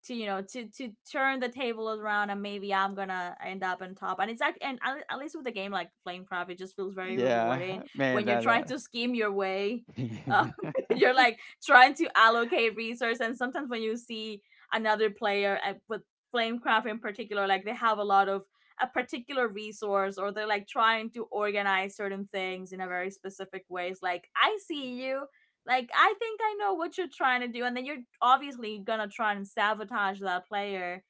S1: to you know, to turn the table around, and maybe I'm gonna end up on top. And it's like, and at least with a game like Flamecraft, it just feels very rewarding
S2: Yeah, man,
S1: when you're trying to scheme your way, uh, you're
S2: that.
S1: like trying to allocate resource, and sometimes when you see another player with Flamecraft in particular, like they have a lot of a particular resource, or they're like trying to organize certain things in a very specific way, it's like, I see you. Like, I think I know what you're trying to do, and then you're obviously gonna try and sabotage that player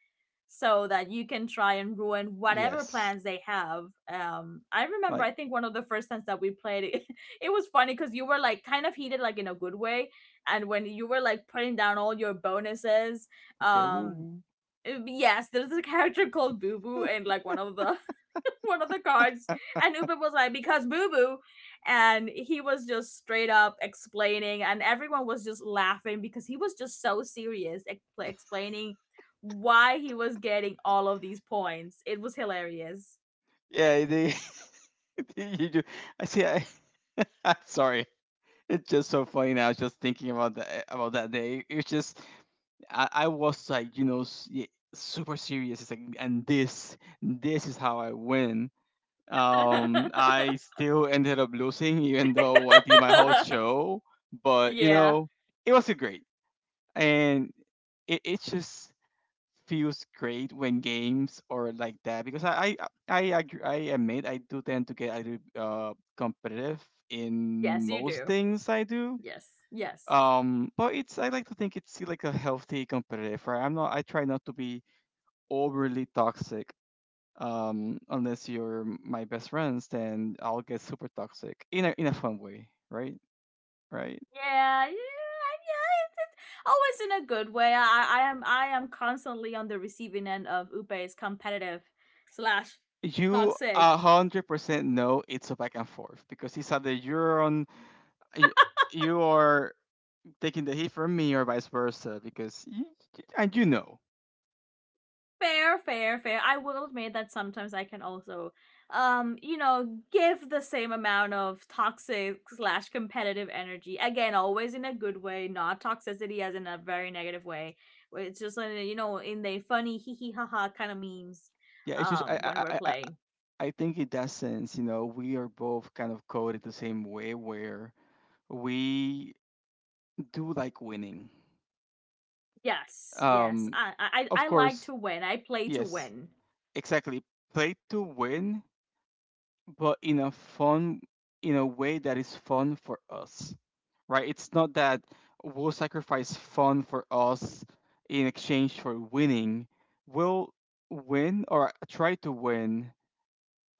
S1: so that you can try and ruin whatever
S2: Yes,
S1: plans they have. I remember,
S2: like
S1: I think one of the first times that we played, it was funny because you were like kind of heated, like in a good way, and when you were like putting down all your bonuses,
S2: okay,
S1: um.
S2: woo.
S1: Yes, there's a character called Boo Boo in like one of the cards, and Uber was like, "Because Boo Boo." And he was just straight up explaining, and everyone was just laughing because he was just so serious explaining why he was getting all of these points. It was hilarious.
S2: Yeah, they, you do. I see. I, I'm sorry. It's just so funny now. Just thinking about that day. It's just I was like, you know, super serious. It's like, and this is how I win. I still ended up losing even though I did my whole show. But you
S1: Yeah.
S2: know, it was a great, and it, it's just feels great when games or like that because agree, I admit I do tend to get a little competitive in
S1: Yes, you
S2: most
S1: do.
S2: things I do.
S1: Yes. Yes.
S2: But it's I like to think it's still like a healthy competitive, right? I try not to be overly toxic. Unless you're my best friends, then I'll get super toxic in a fun way, right? Right.
S1: Yeah. Yeah. Yeah. Always in a good way. I am, I am constantly on the receiving end of Upe's competitive slash
S2: You a
S1: toxic.
S2: hundred percent know it's a back and forth because it's either you're on y- you are taking the heat from me or vice versa because I do know.
S1: Fair, fair, fair. I will admit that sometimes I can also you know, give the same amount of toxic slash competitive energy, again, always in a good way, not toxicity as in a very negative way. It's just like, you know, in the funny hee hee ha ha kind of memes,
S2: Yeah, it's just
S1: when we're
S2: I
S1: playing.
S2: I think in that sense, you know, we are both kind of coded the same way where we do like winning.
S1: Yes, yes,
S2: Um,
S1: I,
S2: of
S1: I like
S2: course,
S1: to win, I play to
S2: yes,
S1: win.
S2: exactly. Play to win, but in a fun, in a way that is fun for us, right? It's not that we'll sacrifice fun for us in exchange for winning. We'll win or try to win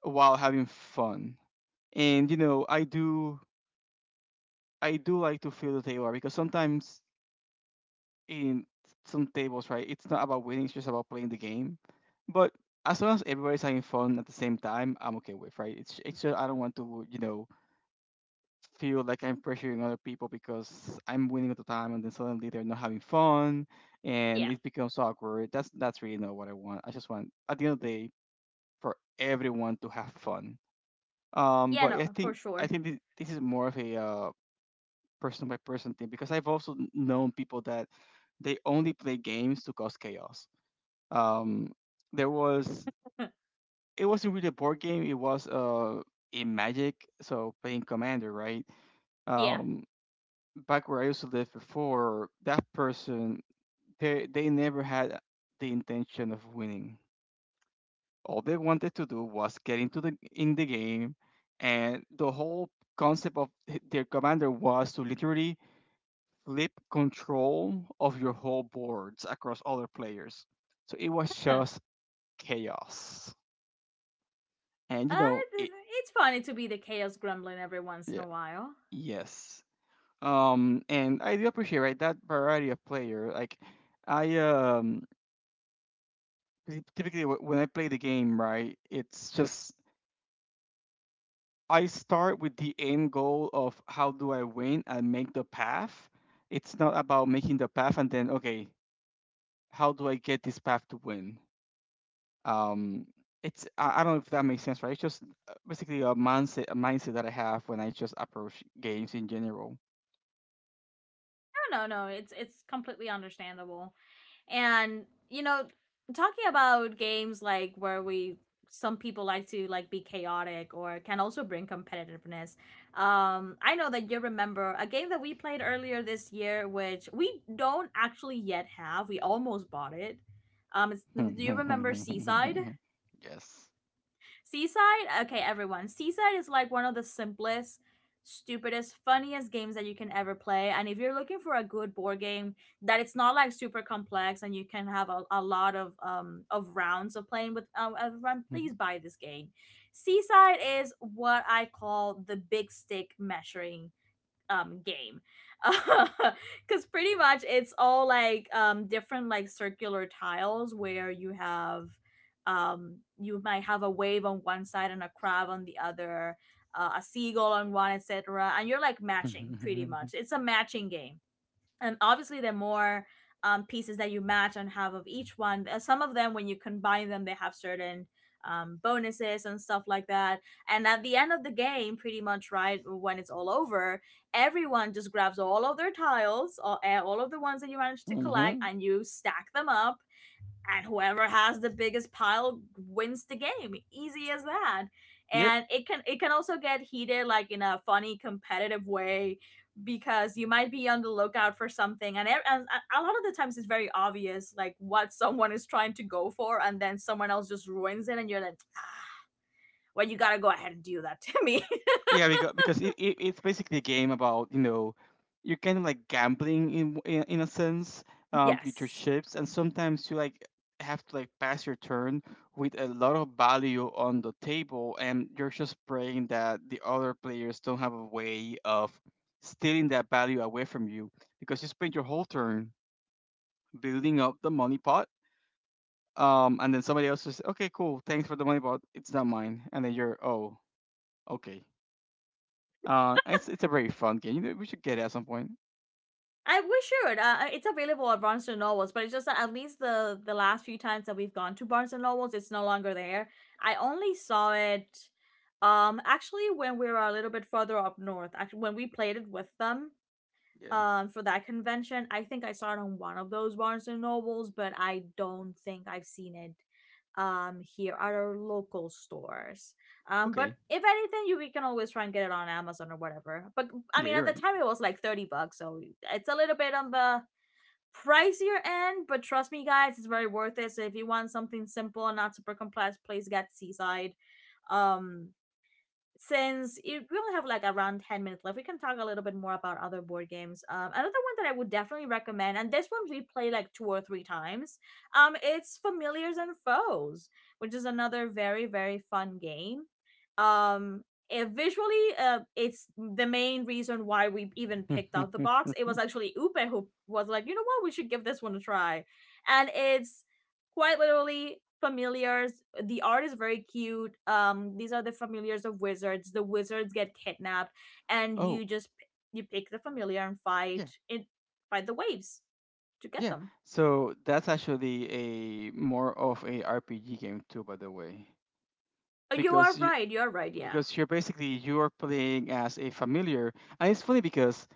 S2: while having fun. And you know, I do like to feel the table because sometimes in some tables, right, it's not about winning, it's just about playing the game. But as long as everybody's having fun at the same time, I'm okay with, right? It's just I don't want to, you know, feel like I'm pressuring other people because I'm winning at the time, and then suddenly they're not having fun, and
S1: Yeah,
S2: it becomes awkward. That's really not what I want. I just want at the end of the day for everyone to have fun.
S1: yeah,
S2: But
S1: no, for
S2: I
S1: sure.
S2: think this is more of a person by person thing because I've also known people that they only play games to cause chaos. Um, there was, it wasn't really a board game. It was in Magic, so playing Commander, right?
S1: Yeah,
S2: Um, back where I used to live before, that person, they never had the intention of winning. All they wanted to do was get into the in the game, and the whole concept of their commander was to literally flip control of your whole boards across other players. So it was
S1: uh,
S2: just chaos, and you know it.
S1: it's funny to be the chaos gremlin every once in
S2: Yeah.
S1: a while.
S2: Yes. And I do appreciate, right, that variety of player. Like, I Typically, when I play the game, right, it's just I start with the end goal of how do I win and make the path. It's not about making the path and then, okay, how do I get this path to win? Um, it's, I don't know if that makes sense, right? It's just, basically a mindset, that I have when I just approach games in general.
S1: No, no, it's completely understandable. And talking about games, like where we Some people like to like be chaotic or can also bring competitiveness. I know that you remember a game that we played earlier this year, which we don't actually yet have. We almost bought it. Do you remember Seaside?
S2: Yes.
S1: Seaside, okay, everyone. Seaside is like one of the simplest, stupidest, funniest games that you can ever play. And if you're looking for a good board game that it's not like super complex, and you can have a lot of rounds of playing with everyone, please buy this game. Seaside is what I call the big stick measuring game, because pretty much it's all like different like circular tiles where you have you might have a wave on one side and a crab on the other, a seagull on one, etc. And you're like matching, pretty much it's a matching game. And obviously there are more pieces that you match and have of each one. Some of them when you combine them they have certain bonuses and stuff like that. And at the end of the game, pretty much right when it's all over, everyone just grabs all of their tiles, all of the ones that you managed to collect,
S2: Mm-hmm.
S1: and you stack them up. And whoever has the biggest pile wins the game, easy as that.
S2: Yep.
S1: And it can also get heated, like in a funny competitive way, because you might be on the lookout for something, and a lot of the times it's very obvious like what someone is trying to go for, and then someone else just ruins it, and you're like, "Ah, well, you gotta go ahead and do that to me."
S2: Yeah, because it's basically a game about, you know, you're kind of like gambling in a sense, with your
S1: Yes.
S2: chips, and sometimes you like have to like pass your turn with a lot of value on the table, and you're just praying that the other players don't have a way of stealing that value away from you because you spent your whole turn building up the money pot, and then somebody else just, okay, cool, thanks for the money pot, it's not mine, and then you're oh, okay. It's a very fun game. You know, we should get it at some point.
S1: I wish it. It's available at Barnes and Nobles, but it's just that at least the last few times that we've gone to Barnes and Nobles, it's no longer there. I only saw it, actually when we were a little bit further up north. Actually, when we played it with them,
S2: Yeah.
S1: for that convention. I think I saw it on one of those Barnes and Nobles, but I don't think I've seen it here at our local stores. Um, but
S2: Okay.
S1: if anything, you we can always try and get it on Amazon or whatever. But I
S2: Yeah,
S1: mean,
S2: you're
S1: at the
S2: right.
S1: time it was like 30 bucks, so it's a little bit on the pricier end, but trust me guys, it's very worth it. So if you want something simple and not super complex, please get Seaside. Um since it, we only have like around 10 minutes left, we can talk a little bit more about other board games. Another one that I would definitely recommend, and this one we play like two or three times, it's Familiars and Foes, which is another very very fun game. um, it visually, it's the main reason why we even picked out the box. It was actually Upe who was like, you know what, we should give this one a try. And it's quite literally familiars. The art is very cute. These are the familiars of wizards. The wizards get kidnapped, and
S2: Oh,
S1: you just you pick the familiar and
S2: yeah,
S1: fight it, fight the waves to get
S2: yeah.
S1: them.
S2: So that's actually a more of a RPG game too, by the way,
S1: Oh, you are
S2: because you,
S1: right. You are right. Yeah.
S2: because you're basically you're playing as a familiar, and it's funny because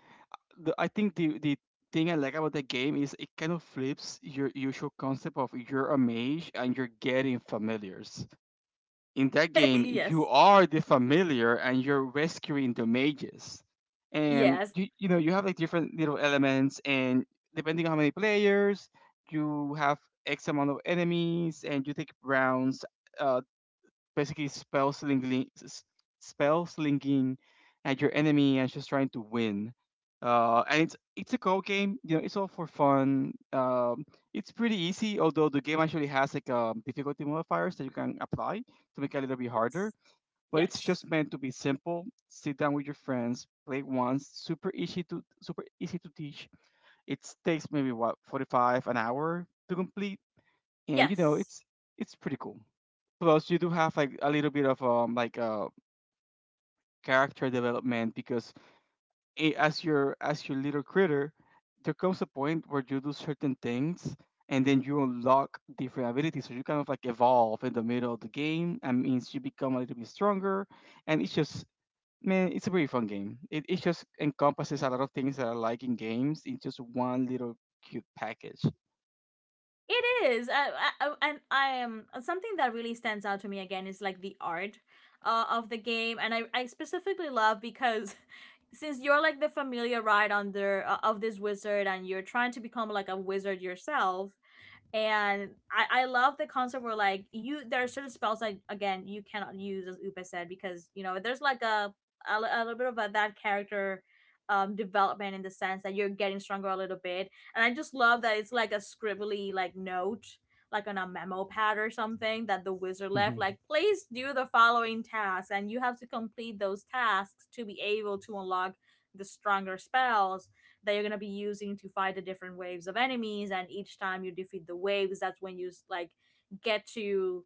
S2: I think the thing I like about the game is it kind of flips your usual concept of you're a mage and you're getting familiars. In that game you
S1: Yes.
S2: are the familiar and you're rescuing the mages, and
S1: Yes.
S2: you know, you have like different little elements, and depending on how many players you have, x amount of enemies, and you take rounds, uh, basically spell slinging, spell slinging at your enemy and just trying to win. And it's a code game. You know, it's all for fun. It's pretty easy, although the game actually has like difficulty modifiers that you can apply to make it a little bit harder.
S1: Yes.
S2: But it's
S1: Yes.
S2: just meant to be simple. Sit down with your friends, play it once. Super easy to, super easy to teach. It takes maybe what, 45 an hour to complete, and you know
S1: Yes.
S2: it's pretty cool. Plus, you do have like a little bit of character development because as your, as your little critter, there comes a point where you do certain things and then you unlock different abilities. So you kind of like evolve in the middle of the game. That means you become a little bit stronger, and it's just, man, it's a very fun game. It just encompasses a lot of things that I like in games in just one little cute package.
S1: It is, I- and I am, something that really stands out to me again is like the art of the game. And I specifically love, because since you're like the familiar ride under, of this wizard, and you're trying to become like a wizard yourself, and I love the concept where like you there are certain spells, like again you cannot use, as Upa said, because you know there's like a little bit of a, that character development in the sense that you're getting stronger a little bit. And I just love that it's like a scribbly like note, like on a memo pad or something, that the wizard left, like please do the following tasks, and you have to complete those tasks to be able to unlock the stronger spells that you're gonna be using to fight the different waves of enemies. And each time you defeat the waves, that's when you like get to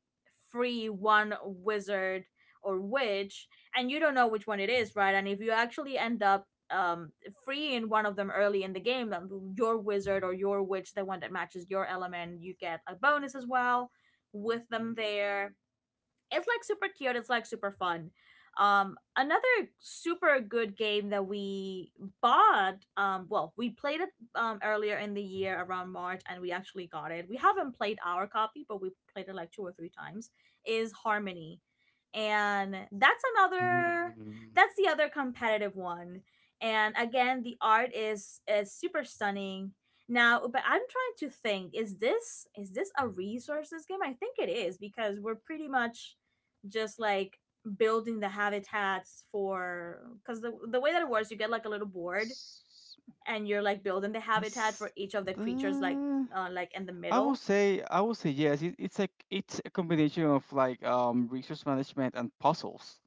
S1: free one wizard or witch, and you don't know which one it is, right? And if you actually end up freeing one of them early in the game, your wizard or your witch, the one that matches your element, you get a bonus as well with them there. It's like super cute. It's like super fun. Another super good game that we bought. Well, we played it earlier in the year around March, and we actually got it. We haven't played our copy, but we played it like two or three times. Is Harmony, and that's another.
S2: Hmm.
S1: That's the other competitive one, and again, the art is super stunning. Now, but I'm trying to think, is this a resources game? I think it is, because we're pretty much just like building the habitats for, because the way that it works, you get like a little board,
S2: S-
S1: and you're like building the habitat
S2: That's.
S1: for each of the creatures,
S2: The
S1: like in the middle.
S2: I will say yes. It's like it's a combination of like resource management and puzzles.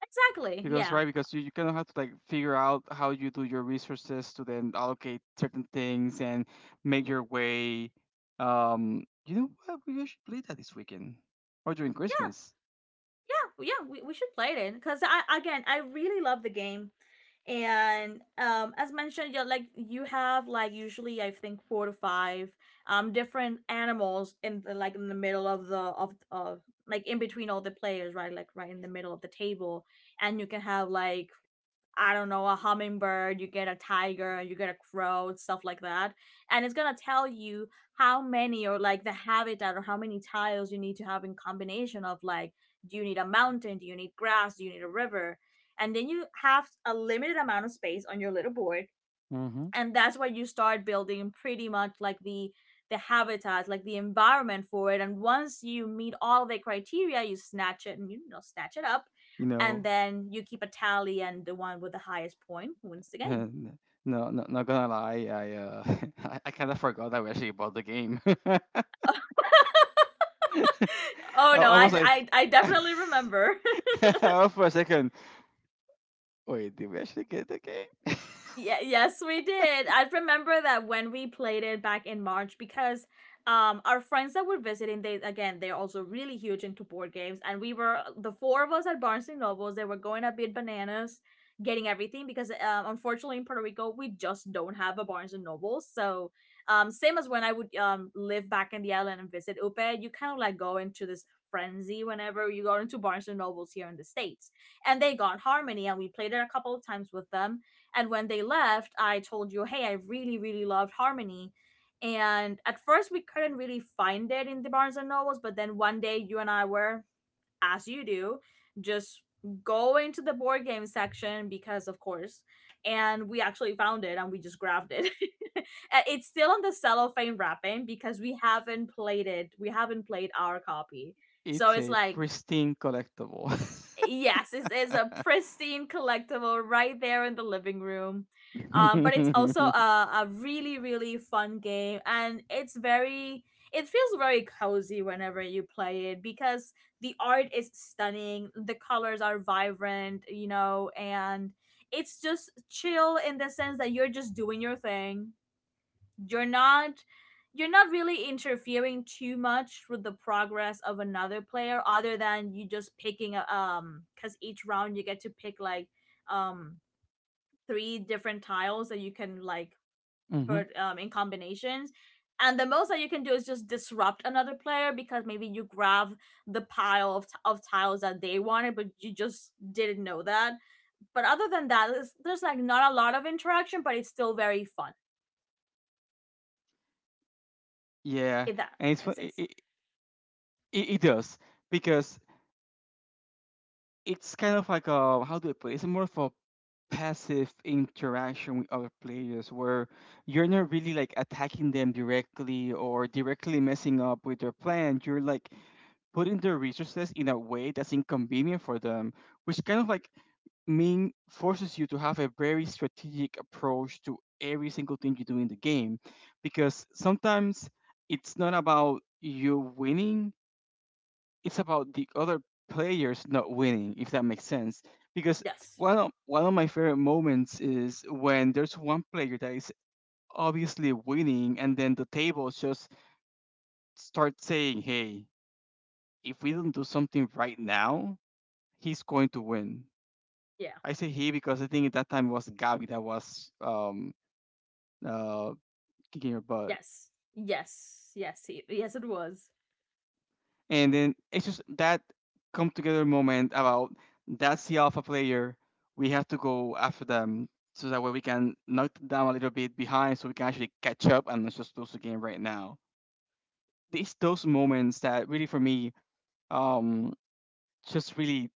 S1: Exactly,
S2: Because
S1: yeah.
S2: right, because you kind of have to like figure out how you do your resources to then allocate certain things and make your way. You know what? We should play that this weekend or during
S1: Yeah
S2: Christmas.
S1: yeah, yeah, we should play it in, because I again I really love the game. And as mentioned, you like you have like usually I think four to five different animals in the like in the middle of the of like in between all the players, right, like right in the middle of the table, and you can have like, I don't know, a hummingbird, you get a tiger, you get a crow, stuff like that. And it's gonna tell you how many or like the habitat or how many tiles you need to have in combination of like, do you need a mountain? Do you need grass? Do you need a river? And then you have a limited amount of space on your little board,
S2: Mm-hmm.
S1: and that's where you start building, pretty much like the habitat, like the environment for it. And once you meet all the criteria, you snatch it and you know, snatch it up.
S2: You
S1: And
S2: know,
S1: then you keep a tally, and the one with the highest point wins the game.
S2: and no, not gonna lie, I I kind of forgot that we actually bought the game.
S1: Oh
S2: I,
S1: no,
S2: I was like,
S1: I
S2: I
S1: definitely remember.
S2: was for a second. Wait, did we actually get the game?
S1: Yeah, yes, we did. I remember that when we played it back in March, because our friends that were visiting, they again, they're also really huge into board games, and we were the four of us at Barnes and Nobles. They were going a bit bananas getting everything, because unfortunately in Puerto Rico we just don't have a Barnes and Nobles. So same as when I would live back in the island and visit Upe, you kind of like go into this frenzy whenever you go into Barnes and Nobles here in the States. And they got Harmony, and we played it a couple of times with them. And when they left, I told you, hey, I really, really loved Harmony. And at first, we couldn't really find it in the Barnes and Nobles, but then one day, you and I were, as you do, just going to the board game section, because, of course, and we actually found it and we just grabbed it. It's still on the cellophane wrapping, because we haven't played it. We haven't played our copy. So
S2: It's
S1: it's
S2: a
S1: like,
S2: pristine collectible.
S1: yes, it is a pristine collectible right there in the living room. But it's also a really, really fun game, and it's very, it feels very cozy whenever you play it, because the art is stunning, the colors are vibrant, you know, and it's just chill in the sense that you're just doing your thing. You're not you're not really interfering too much with the progress of another player, other than you just picking a because each round you get to pick like um three different tiles that you can like
S2: Hmm.
S1: put in combinations. And the most that you can do is just disrupt another player, because maybe you grab the pile of, of tiles that they wanted, but you just didn't know that. But other than that, it's, there's like not a lot of interaction, but it's still very fun,
S2: Yeah,
S1: if that
S2: and it's
S1: makes
S2: fun. It,
S1: sense.
S2: it, it it does, because it's kind of like, a how do I put it? It's more of a passive interaction with other players, where you're not really like attacking them directly or directly messing up with their plan. You're like putting their resources in a way that's inconvenient for them, which kind of like mean forces you to have a very strategic approach to every single thing you do in the game, because sometimes it's not about you winning, it's about the other players not winning, if that makes sense. Because
S1: Yes.
S2: one of my favorite moments is when there's one player that is obviously winning, and then the tables just start saying, hey, if we don't do something right now, he's going to win.
S1: Yeah.
S2: I say he because I think at that time it was Gabi that was uh, kicking your butt.
S1: Yes. Yes. Yes. Yes, it was.
S2: And then it's just that come together moment about, that's the alpha player. We have to go after them so that way we can knock them down a little bit behind so we can actually catch up and not just lose the game right now. It's those moments that really for me, um, just really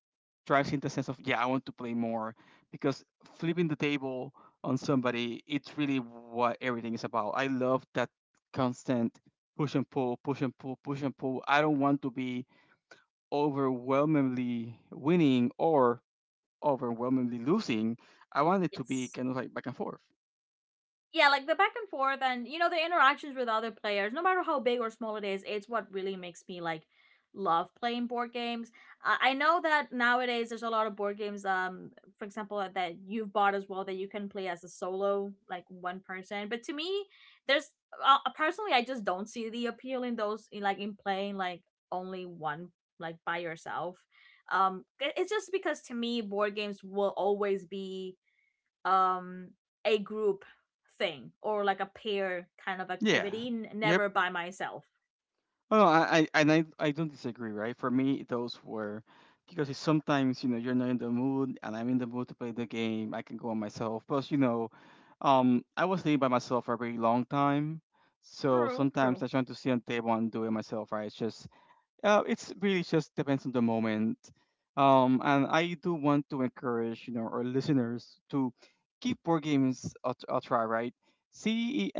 S2: drives in the sense of, yeah, I want to play more, because flipping the table on somebody, it's really what everything is about. I love that constant push and pull, push and pull, push and pull. I don't want to be overwhelmingly winning or overwhelmingly losing. I want it to be
S1: Yes.
S2: kind of like back and forth.
S1: Yeah, like the back and forth, and you know the interactions with other players, no matter how big or small it is, it's what really makes me like love playing board games. I know that nowadays there's a lot of board games, for example, that you've bought as well, that you can play as a solo, like one person, but to me there's personally I just don't see the appeal in those in, like in playing like only one, like by yourself. Um, it's just because to me board games will always be um a group thing, or like a pair kind of
S2: Yeah.
S1: activity,
S2: Yep.
S1: never by myself.
S2: Oh, no, I and I don't disagree, right? For me, those were, because it's sometimes, you know, you're not in the mood, and I'm in the mood to play the game. I can go on myself. Plus, you know, I was living by myself for a very long time, so
S1: True,
S2: sometimes
S1: true.
S2: I try to sit on the table and do it myself, right? It's just it's really just depends on the moment. And I do want to encourage, you know, our listeners to give board games a try, right? See,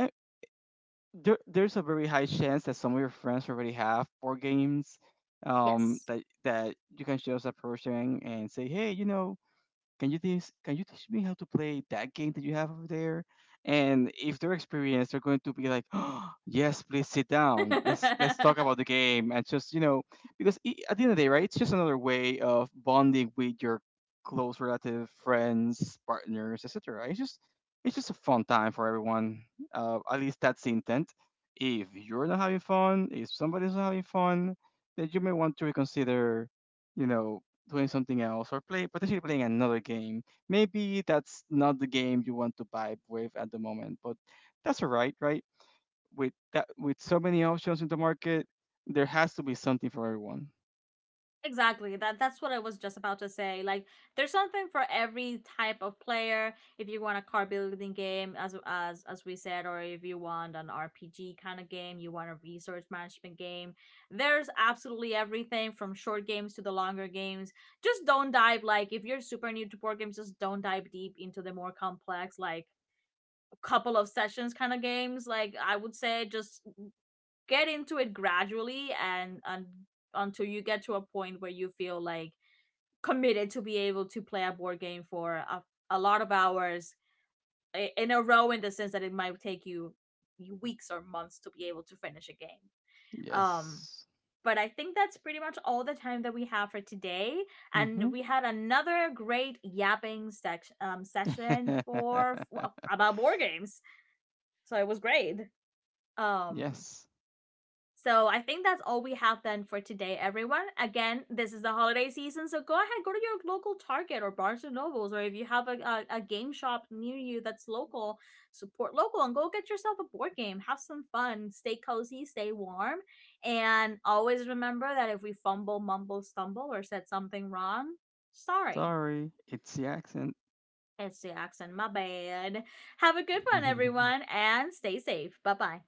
S2: there's a very high chance that some of your friends already have board games, um,
S1: Yes.
S2: that that you can just approach them and say, hey, you know, can you teach me how to play that game that you have over there. And if they're experienced, they're going to be like, oh, yes, please sit down, let's talk about the game. And just, you know, because I, at the end of the day, right, it's just another way of bonding with your close relative, friends, partners, etc. It's just, it's just a fun time for everyone. At least that's the intent. If you're not having fun, if somebody's not having fun, then you may want to reconsider, you know, doing something else or play, potentially playing another game. Maybe that's not the game you want to vibe with at the moment, but that's all right, right? With that, with so many options in the market, there has to be something for everyone.
S1: Exactly. That that's what I was just about to say. Like there's something for every type of player. If you want a car building game, as as we said, or if you want an RPG kind of game, you want a resource management game, there's absolutely everything from short games to the longer games. Just don't dive, like if you're super new to board games, just don't dive deep into the more complex like couple of sessions kind of games. Like I would say, just get into it gradually, and until you get to a point where you feel like committed to be able to play a board game for a lot of hours in a row, in the sense that it might take you weeks or months to be able to finish a game. um
S2: Yes.
S1: but I think that's pretty much all the time that we have for today, and
S2: Mm-hmm.
S1: we had another great yapping section session for, well, about board games. So it was great. um
S2: Yes.
S1: So I think that's all we have then for today, everyone. Again, this is the holiday season, so go ahead, go to your local Target or Barnes and Nobles, or if you have a game shop near you that's local, support local and go get yourself a board game. Have some fun, stay cozy, stay warm, and always remember that if we fumble, mumble, stumble, or said something wrong, sorry.
S2: Sorry, it's the accent.
S1: It's the accent, my bad. Have a good one, everyone, and stay safe. Bye bye.